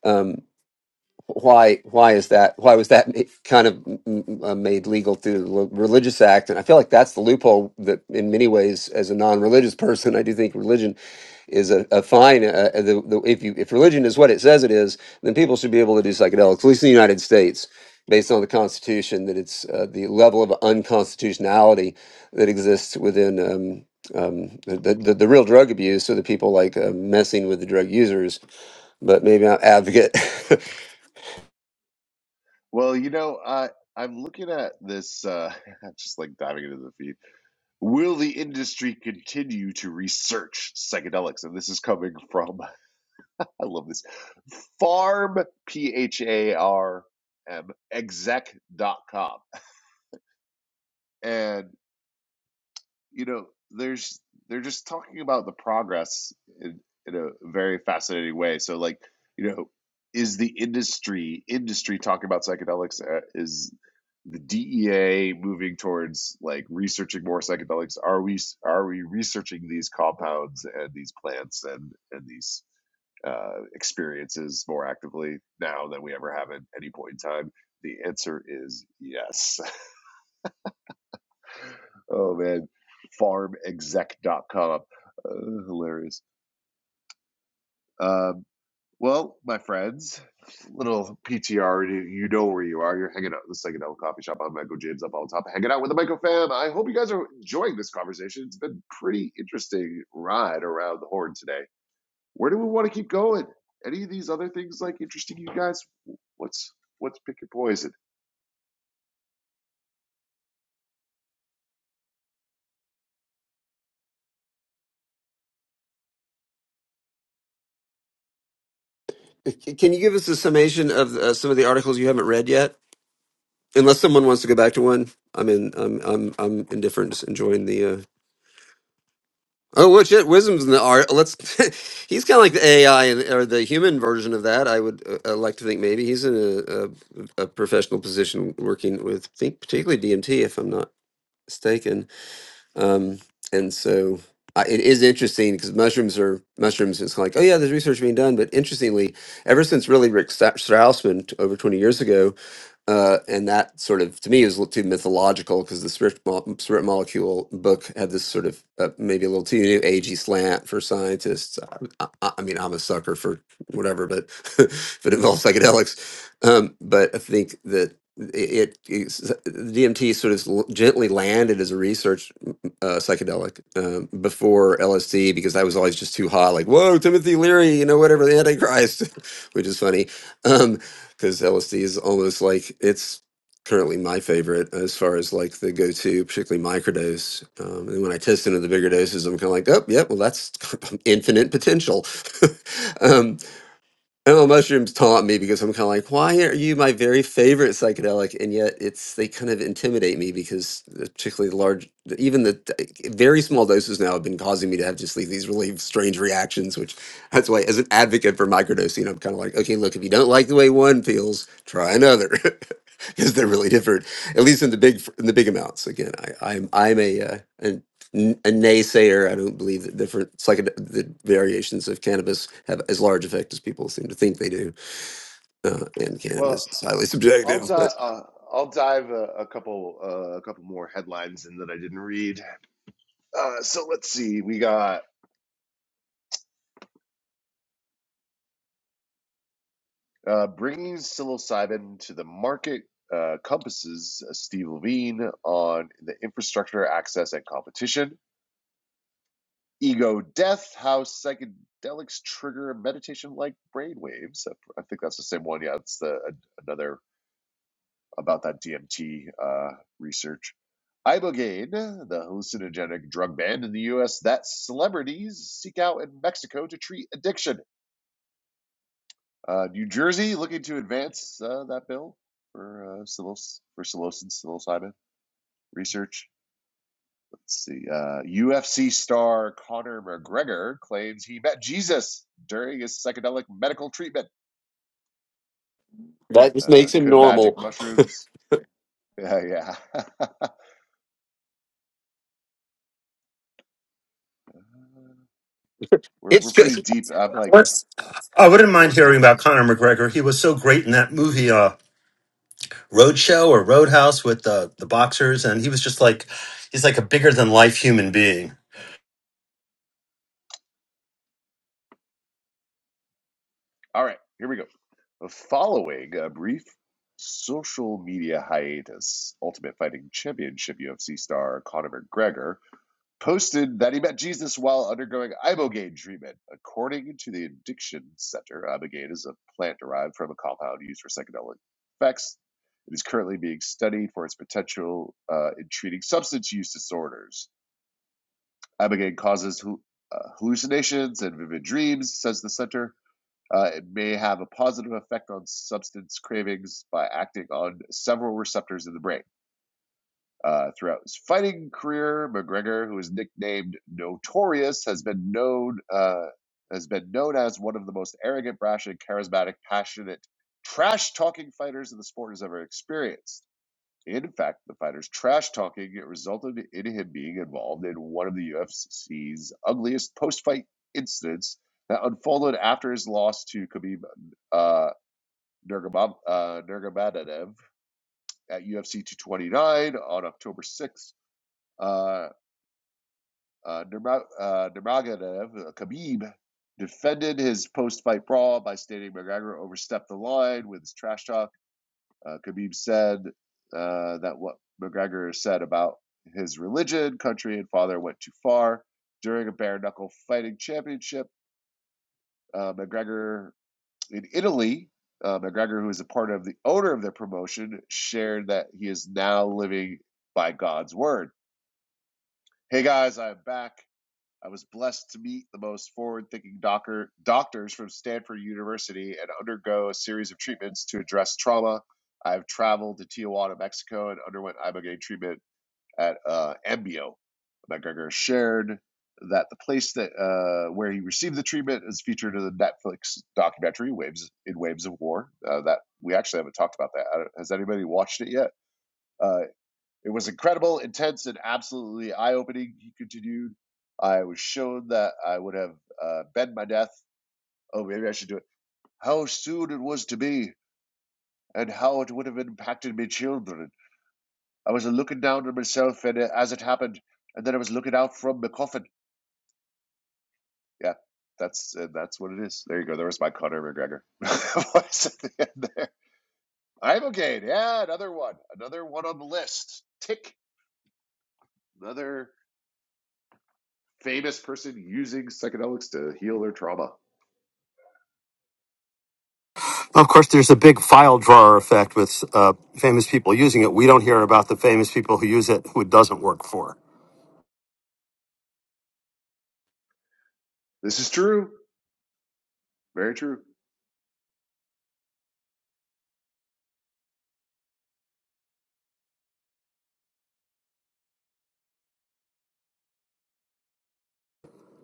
E: um, why why is that why was that ma- kind of mm, mm, uh, made legal through the Rel- religious act and i feel like that's the loophole that in many ways as a non-religious [laughs] person i do think religion is a, a fine uh, uh, the, the, if you if religion is what it says it is then people should be able to do psychedelics at least in the united states based on the constitution that it's uh, the level of unconstitutionality that exists within um, um, the, the, the real drug abuse or the people like uh, messing with the drug users but maybe not advocate [laughs] C- Can you give us a summation of uh, some of the articles you haven't read yet? Unless someone wants to go back to one, I'm in. I'm I'm I'm indifferent, just enjoying the. Uh... Oh, well, shit, wisdom's in the art. Let's. [laughs] he's kind of like the AI and, or the human version of that. I would uh, uh, like to think maybe he's in a, a a professional position working with think particularly DMT, if I'm not mistaken. Um, and so I, it is interesting because mushrooms are mushrooms. It's like, oh yeah, there's research being done. But interestingly, ever since really Rick Stra- Strausman t- over 20 years ago, uh, and that sort of to me is a little too mythological because the spirit, mo- spirit molecule book had this sort of uh, maybe a little too new agey slant for scientists. I, I, I mean, I'm a sucker for whatever, but [laughs] if it involves psychedelics, um, but I think that it, it it's- the DMT sort of l- gently landed as a research uh, psychedelic um, before LSD because I was always just too hot, like whoa, Timothy Leary, you know, whatever the Antichrist, [laughs] which is funny because LSD is almost like it's currently my favorite as far as like the go-to, particularly microdose. Um, and when I test into the bigger doses, I'm kind of like, oh, yeah, well, that's [laughs] infinite potential. [laughs] um, Animal mushrooms taunt me because I'm kind of like, why are you my very favorite psychedelic? And yet, it's they kind of intimidate me because, uh, particularly the large, the- even the d- very small doses now have been causing me to have just like these really strange reactions. Which that's why, as an advocate for microdosing, I'm kind of like, okay, look, if you don't like the way one feels, try another [laughs] because they're really different. At least in the big in the big amounts. Again, I, I'm I'm a uh, n- a naysayer. I don't believe that different psychedelic the variations of cannabis have as large effect as people seem to think they do. Uh, and cannabis is highly subjective, but that just makes him normal. It's because
B: I wouldn't mind hearing about Conor McGregor. He was so great in that movie, uh, Roadshow or Roadhouse with the, the boxers. And he was just like, he's like a bigger than life human being.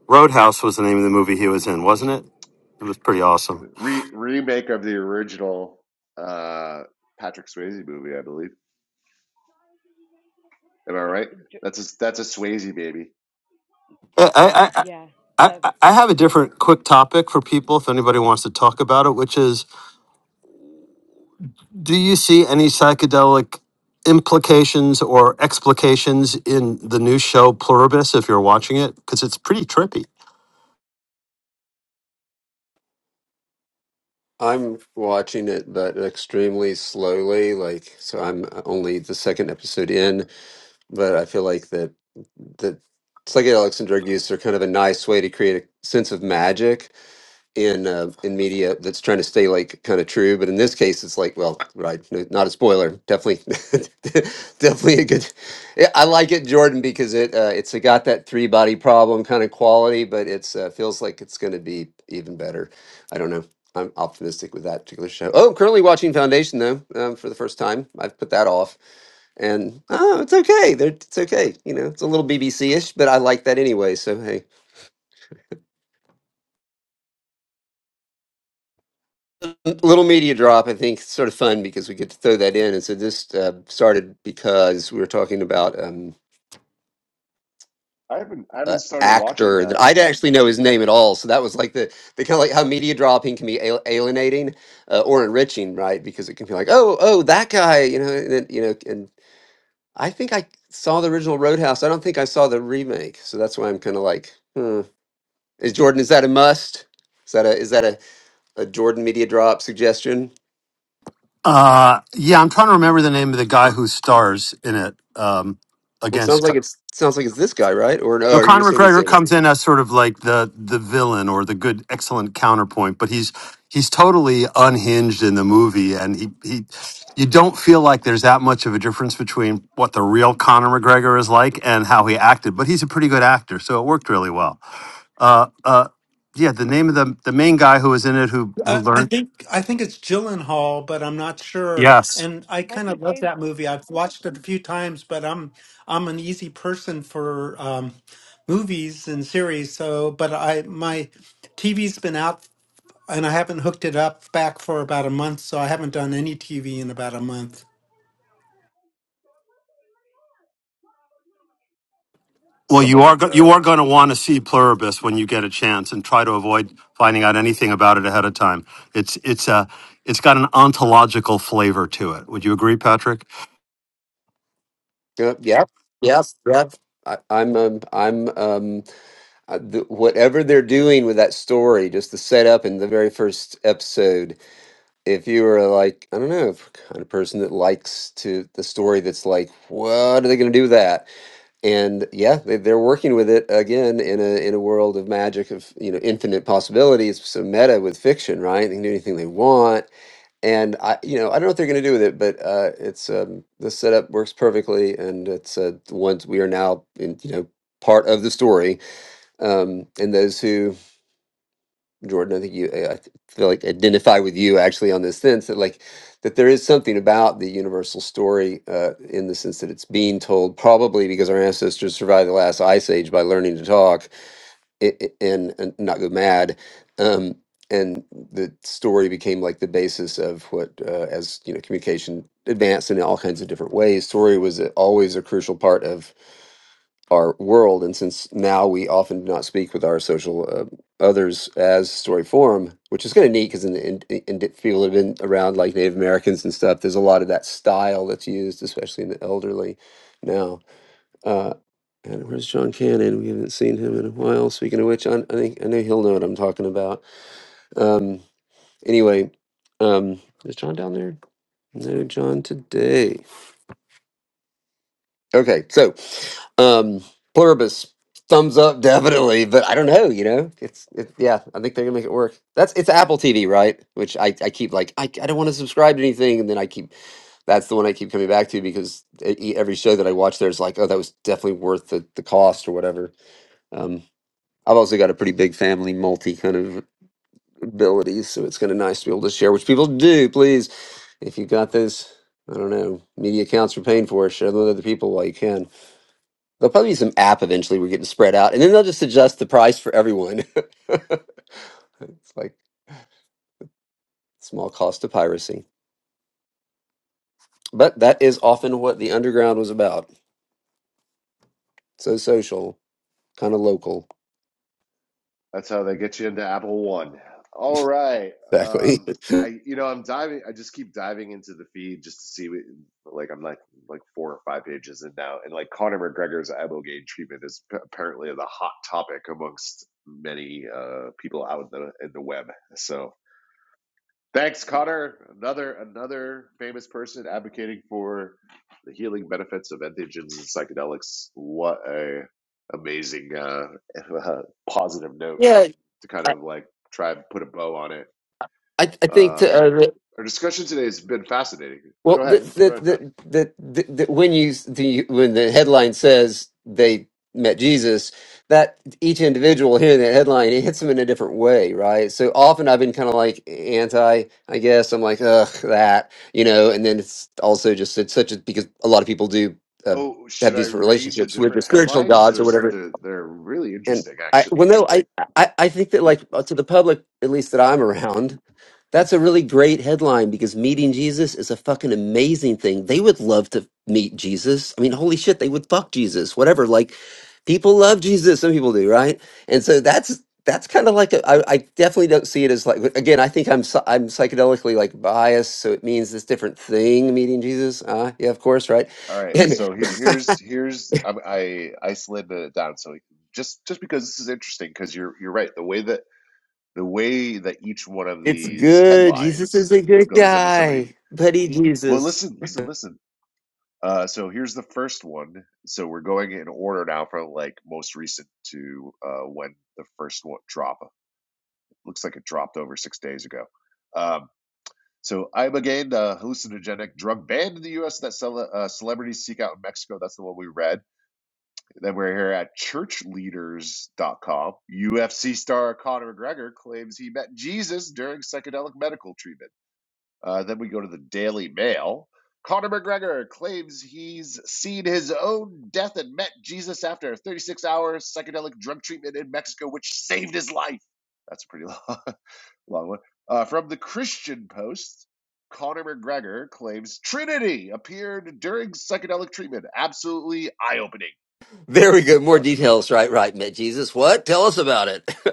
B: Roadhouse was the name of the movie he was in, wasn't it? It was pretty awesome. I, I, I-
F: Yeah.
B: I,
F: Um,
B: I I have a different quick topic for people if anybody wants to talk about it, which is do you see any psychedelic implications or explications in the new show Pluribus if you're watching it? Because it's pretty trippy.
E: I'm watching it, but extremely slowly. Like, so I'm only the second episode in, but I feel like that that psychedelics and drug use are kind of a nice way to create a sense of magic in uh, in media that's trying to stay like kind of true. But in this case, it's like, well, right, no, not a spoiler. Definitely, [laughs] definitely a good. Yeah, I like it, Jordan, because it uh, it's got that three body problem kind of quality, but it's uh, feels like it's going to be even better. I don't know. I'm optimistic with that particular show. Oh, currently watching Foundation though um, for the first time. I've put that off, and oh, it's okay. They're, it's okay. You know, it's a little BBC ish, but I like that anyway. So hey. little media drop i think it's sort of fun because we get to throw that in and so this uh, started because we were talking about um an actor that i would actually know his name at all so that was like the the kind of like how media dropping can be al- alienating uh, or enriching right because it can be like oh oh that guy you know and then, you know and i think i saw the original roadhouse i don't think i saw the remake so that's why i'm kind of like hmm. is jordan is that a must is that a is that a, a jordan media drop suggestion
B: Uh, yeah, I'm trying to remember the name of the guy who stars in it um,
E: Well, it
B: against
E: sounds like it's sounds like it's this guy, right? Or no?
B: No,
E: Are you just
B: Conor
E: saying he's
B: McGregor
E: in it?
B: comes in as sort of like the the villain or the good, excellent counterpoint, but he's he's totally unhinged in the movie, and he he you don't feel like there's that much of a difference between what the real Conor McGregor is like and how he acted, but he's a pretty good actor, so it worked really well. Uh, uh, yeah, the name of the the main guy who was in it who who
D: I, I
B: learned.
D: think I think it's Gyllenhaal, but I'm not sure.
B: Yes,
D: And I kind
F: Michael
D: of love
F: James.
D: that movie. I've watched it a few times, but I'm I'm an easy person for um, movies and series. So, but I my TV's been out and I haven't hooked it up back for about a month, so I haven't done any TV in about a month.
B: Well, you are go- you are going to want to see Pluribus when you get a chance, and try to avoid finding out anything about it ahead of time. It's it's a it's got an ontological flavor to it. Would you agree, Patrick?
E: Yep, yep, yep. yep. I, I'm um, I'm um, uh, th- whatever they're doing with that story, just the setup in the very first episode. If you were like, I don't know, if kind of person that likes to the story that's like, what are they going to do with that? And yeah, they, they're working with it again in a in a world of magic of you know infinite possibilities. So meta with fiction, right? They can do anything they want and I, you know, I don't know what they're going to do with it, but uh, it's um, the setup works perfectly, and it's uh, the ones we are now in, you know, part of the story. Um, and those who, Jordan, I think you, I I feel like identify with you actually on this sense that like that there is something about the universal story uh, in the sense that it's being told probably because our ancestors survived the last ice age by learning to talk it, and, and not go mad. Um, and the story became like the basis of what, uh, as you know, communication advanced in all kinds of different ways. Story was a- always a crucial part of our world, and since now we often do not speak with our social uh, others as story form, which is kind of neat because in the in, in the field of in, around like Native Americans and stuff, there's a lot of that style that's used, especially in the elderly now uh, and where's John Cannon? We haven't seen him in a while. Speaking of which, I, I think I know he'll know what I'm talking about. Um, anyway, um, is John down there? No, John today. Okay, so um, pluribus, thumbs up [laughs] definitely, but I don't know. You know, it's it, yeah. I think they're gonna make it work. That's it's Apple TV, right? Which I, I keep like I, I don't want to subscribe to anything, and then I keep that's the one I keep coming back to because e- e, every show that I watch there's like oh that was definitely worth the, the cost or whatever. Um, I've also got a pretty big family, multi kind of abilities, so it's kind of nice to be able to share, which people do. Please, if you got this, I don't know, media accounts you're paying for, share them with other people while you can. There'll probably be some app eventually we're getting spread out, and then they'll just adjust the price for everyone. [laughs] it's like small cost of piracy, but that is often what the underground was about. So social, kind of local, exactly. [laughs] Yeah, I, I I think to, uh, Well, the the the the, the, the when you the when the headline says they met Jesus, that each individual hearing that headline it hits them in a different way, right? So often I've been kind of like anti, I guess. I'm like, ugh, that, you know. And then it's also just it's such a because a lot of people do uh, have these relationships with the spiritual gods or whatever and I well no, I, I I think that like uh, to the public at least that I'm around, that's a really great headline because meeting Jesus is a fucking amazing thing. They would love to meet Jesus. I mean, holy shit, they would fuck Jesus, whatever. Like people love Jesus, some people do, right? And so that's that's kind of like a, I, I definitely don't see it as like again. I think I'm psy- I'm psychedelically like biased, so it means this different thing. Meeting Jesus, uh, yeah, of course, right? And It's good. Jesus is a good guy. Buddy Jesus. There we go. More details. Right, right, met Jesus. What? Tell us about it. [laughs]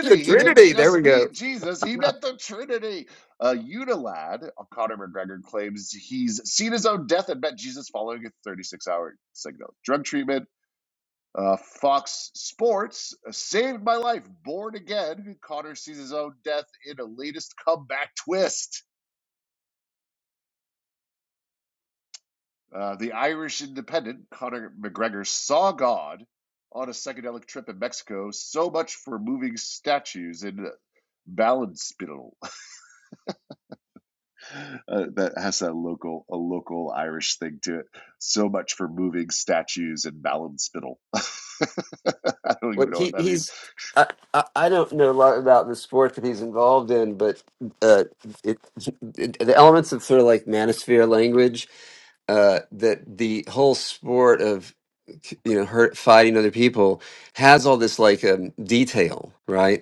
E: the Trinity. There we go. What he he's I, I I don't know a lot about the sport that he's involved in, but uh, it, it the elements of sort of like manosphere language, uh, that the whole sport of you know hurt fighting other people has all this like um, detail, right?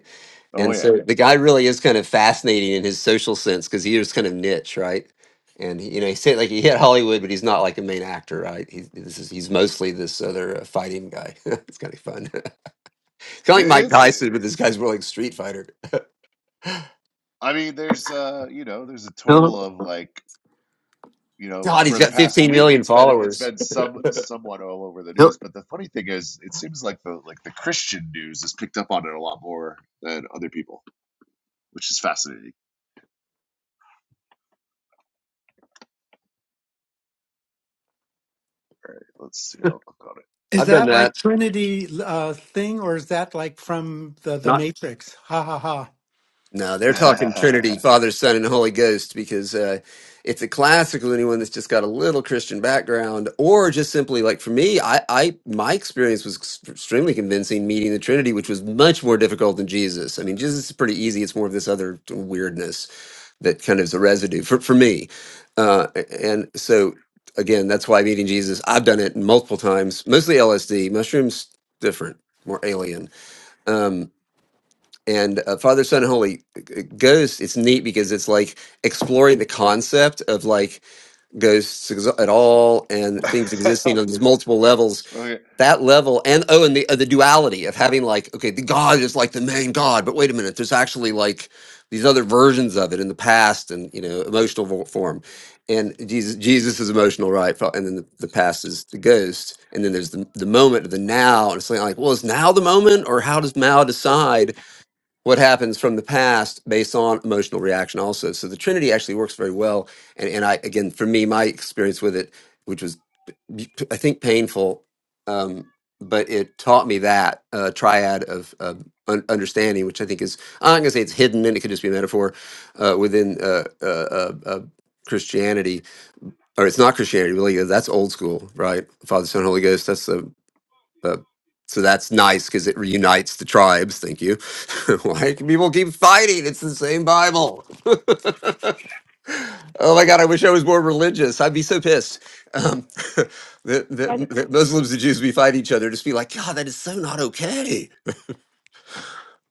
E: And so the guy really is kind of fascinating in his social sense because he is kind of niche, right? And he- you know, he said like he hit Hollywood, but he's not like a main actor, right? He's this is he's mostly this other uh, fighting guy. [laughs] it's kind of fun, [laughs] kind of like Mike Tyson, but this guy's more like Street Fighter.
B: Hill,
E: God, he's got 15 million followers.
B: Hill,
D: Is
E: I've done
D: that
E: that.
D: like Trinity uh, thing, or is that like from the the
E: not.
D: Matrix? Ha ha ha!
E: No, they're talking Trinity, Father, Son, and Holy Ghost, because uh, it's a classic with anyone that's just got a little Christian background, or just simply like for me, I, I my experience was ex- extremely convincing meeting the Trinity, which was much more difficult than Jesus. I mean, Jesus is pretty easy; it's more of this other weirdness that kind of is a residue for for me, uh, and so again, that's why meeting Jesus, I've done it multiple times, mostly LSD, mushrooms different, more alien. Um, and uh, Father, Son, and Holy uh, Ghost. It's neat because it's like exploring the concept of like ghosts ex- at all and things existing on these multiple levels. That level, and oh, and the uh, the duality of having like okay, the God is like the main God, but wait a minute, there's actually like these other versions of it in the past and you know emotional vo- form and jesus jesus is emotional right Fa- and then the, the past is the ghost and then there's the, the moment of the now and it's like like well is now the moment or how does now decide what happens from the past based on emotional reaction also so the trinity actually works very well and, and i again for me my experience with it which was i think painful um, but it taught me that uh, triad of, of un- understanding which i think is i'm not going to say it's hidden and it could just be a metaphor uh, within uh, uh, uh, uh, christianity or it's not christianity really that's old school right father son holy ghost that's the but so that's nice because it reunites the tribes. Thank you. [laughs] Why can people keep fighting? It's the same Bible. [laughs] oh my God! I wish I was more religious. I'd be so pissed. Um, [laughs] that,
F: By the
E: that, that Muslims and Jews we fight each other. Just be like, God, that is so not okay.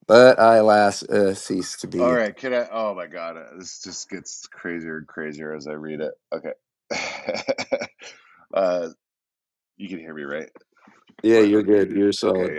E: But I alas uh, cease to be. Yeah, you're good. You're solid.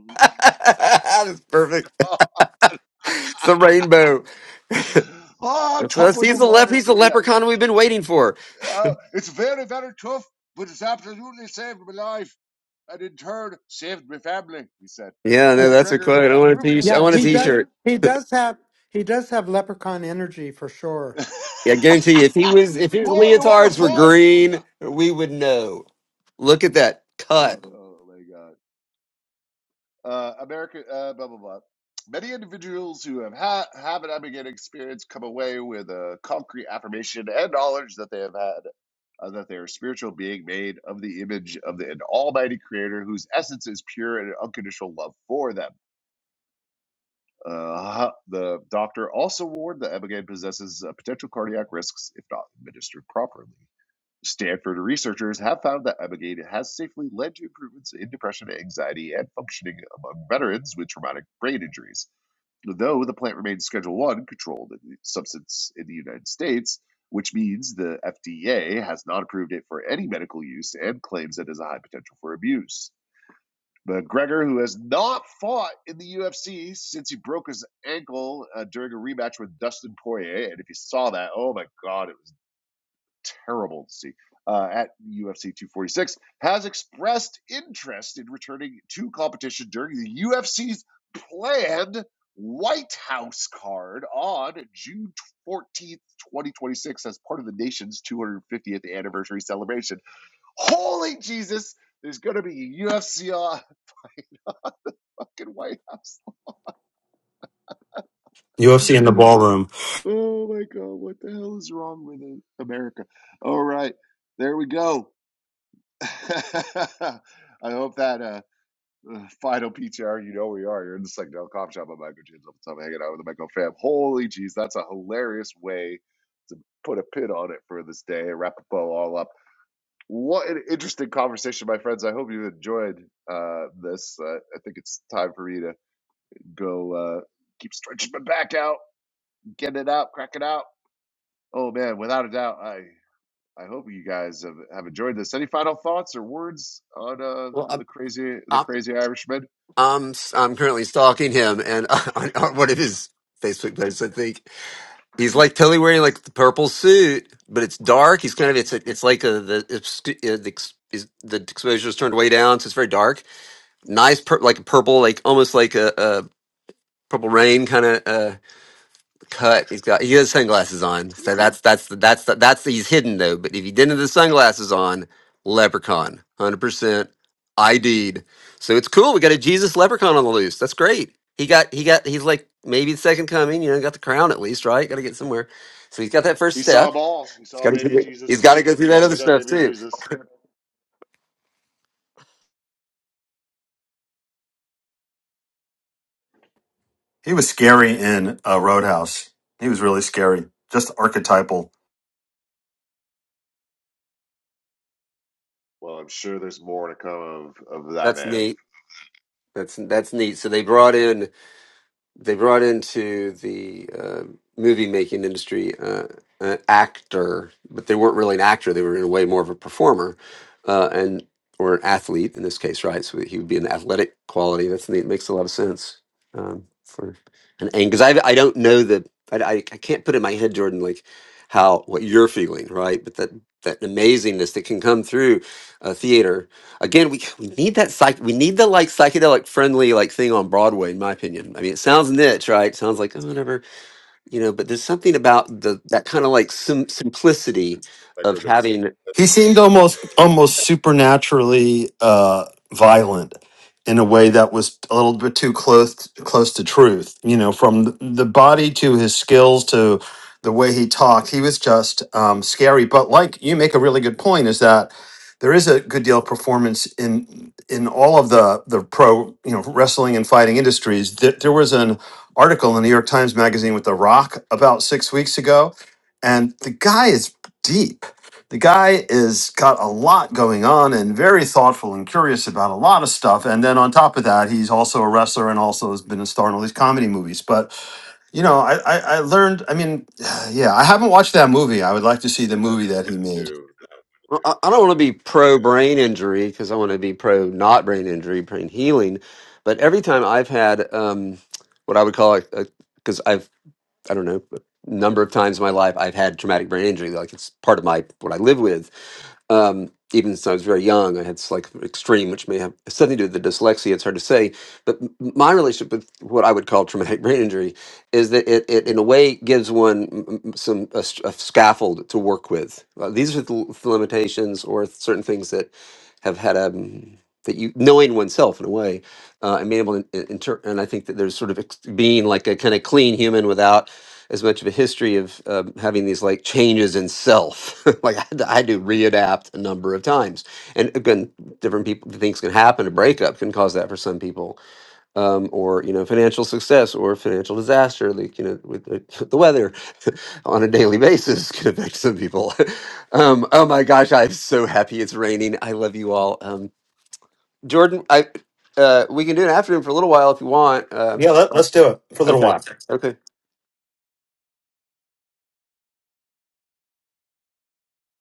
E: [laughs] That's perfect. It's the rainbow. [laughs] That's us. He's the lep. He's the leprechaun we've been waiting for. Yeah, no,
D: Yeah,
E: that's a quote. I want a t. I
D: yeah.
E: want a
D: He does.
E: t-shirt.
D: He does have. He does have leprechaun energy for sure.
E: Yeah, I guarantee you, if he was, if his leotards were green, we would know. Look at that cut.
B: UFC in the ballroom.
E: Well, I'm, I'm, I'm, I'm currently stalking him, and [laughs] on, on one of his Facebook posts, I think he's like totally wearing like the purple suit, but it's dark. He's kind of it's a, it's like a the it's, uh, the, ex- is, the exposure is turned way down, so it's very dark. Nice, pur- like purple, like almost like a, a purple rain kind of. cut. He's got he has sunglasses on, so that's that's the, that's the, that's the, he's hidden though. But if he didn't have the sunglasses on, leprechaun, hundred percent ID'd. So it's cool. We got a Jesus leprechaun on the loose. That's great. He got he got he's like maybe the second coming. You know, got the crown at least, right? Got to get somewhere. So he's got that first step. He's got to he's got to go through that other stuff too.
B: He was scary in uh, Roadhouse. He was really scary, just archetypal.
E: That's neat. That's that's neat. So they brought in. they brought into the uh, movie making industry uh, an actor, but they weren't really an actor. They were in a way more of a performer, uh, and or an athlete in this case, right? So he would be an athletic quality. That's neat. it makes a lot of sense um, for an aim because I I don't know the I, I I can't put in my head, Jordan, like how what you're feeling, right? But that that amazingness that can come through a theater Again, we we need that psych we need the like psychedelic friendly like thing on Broadway, in my opinion. I mean, it sounds niche, right? Sounds like oh, whatever, you know. But there's something about the that kind of like sim- simplicity of having.
B: He seemed almost almost supernaturally uh, violent in a way that was a little bit too close close to truth. You know, from th- the body to his skills to the way he talked, he was just um, scary. But like you make a really good point is that there is a good deal of performance in in all of the the pro you know wrestling and fighting industries. There, there was an article in the New York Times Magazine with The Rock about six weeks ago, and the guy is deep the guy is got a lot going on and very thoughtful and curious about a lot of stuff. And then on top of that, he's also a wrestler and also has been a star in all these comedy movies. But you know, I, I, I learned. I mean, [sighs] yeah, I haven't watched that movie. I would like to see the movie that he made.
E: Well, I, I don't want to be pro brain injury because I want to be pro not brain injury, brain healing. But every time I've had um, what I would call like, a because I've I don't know a number of times in my life I've had traumatic brain injury, like it's part of my what I live with Um, even since I was very young, I had like extreme, which may have something to do with the dyslexia. It's hard to say, but m- my relationship with what I would call traumatic [laughs] brain injury is that it, it in a way, gives one mm, mm, some a, s- a scaffold to work with. Uh, these are the l- the limitations or certain things that have had a that you knowing oneself in a way uh, and being able to in- inter- and I think that there's sort of ex- being like a kind of clean human without as much of a history of um, having these like changes in self. [laughs] like I had, to, I had to readapt a number of times, and again, different people things can happen. A breakup can cause that for some people, um, or you know, financial success or financial disaster. Like you know, with the, [laughs] the weather [laughs] on a daily basis [laughs] can affect some people. [laughs] um, oh my gosh, I'm so happy it's raining. I love you all, um, Jordan. I uh, we can do an afternoon for a little while if you want. Uh,
B: Yeah, let,
E: Sure.
B: let's do it for a little
E: okay.
B: while.
E: Okay.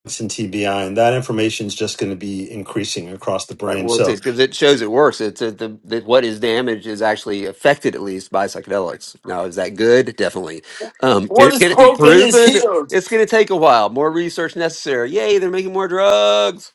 B: It's in TBI, and that information is just going to be increasing across the
E: Like,
B: brain.
E: well,
B: So
E: because it shows it works. It's it, the, the what is damaged is actually affected at least by psychedelics. Now, is that good? Definitely. Um, can, it- can it be
B: Broken is
E: proven?
B: healed.
E: It's going to take a while. More research necessary. Yay, they're making more drugs.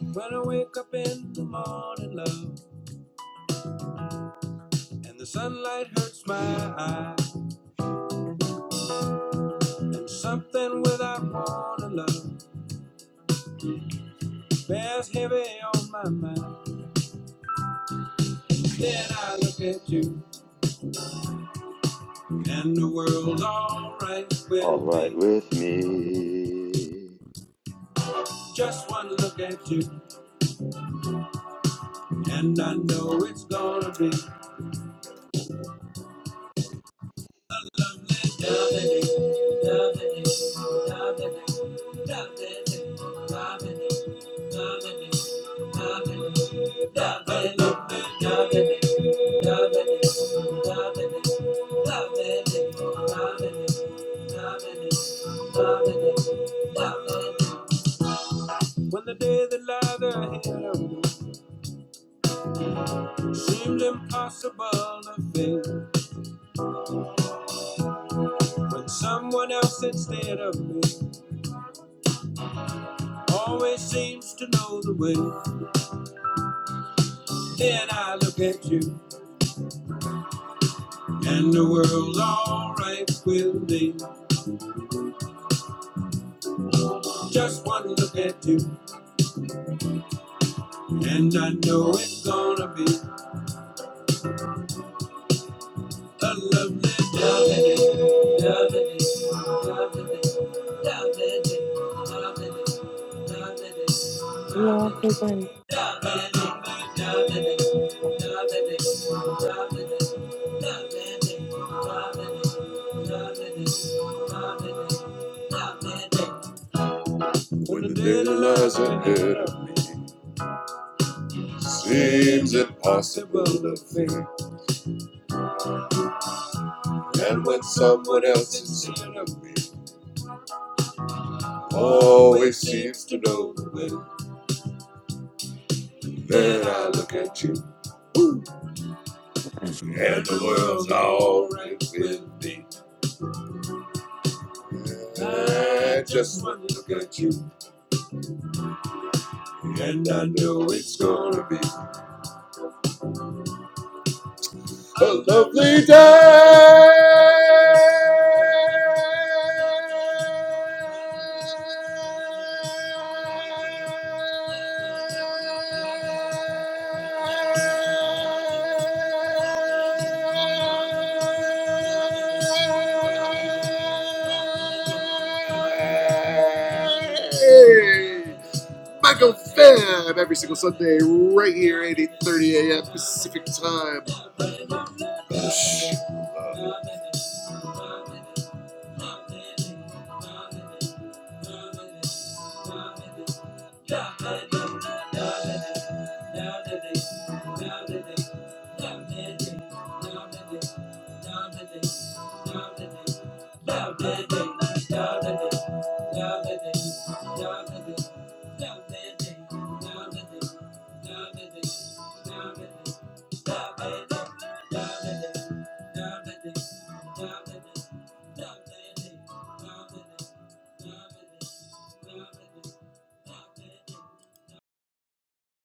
C: When I wake up in the morning, love. And the sunlight hurts my eyes. And something without wanna love bears heavy on my mind. Then I look at you, and the world's alright
B: All
C: with
B: right
C: me.
B: with me.
C: Just one look at you, and I know it's gonna be When the day that lies ahead seemed impossible to fail, when someone else instead of me always seems to know the way. Then I look at you, and the world's alright with me. Just one look at you, and I know it's gonna be When the dead lies ahead of me, seems impossible to think. And when someone else is in of me, Always seems to know when then I look at you, and the world's alright with me. I just want to look at you, and I know it's gonna be a lovely day. Hey. Love it, love it, love it, love it. Down to the, down to the, down to the, down to the, down to the.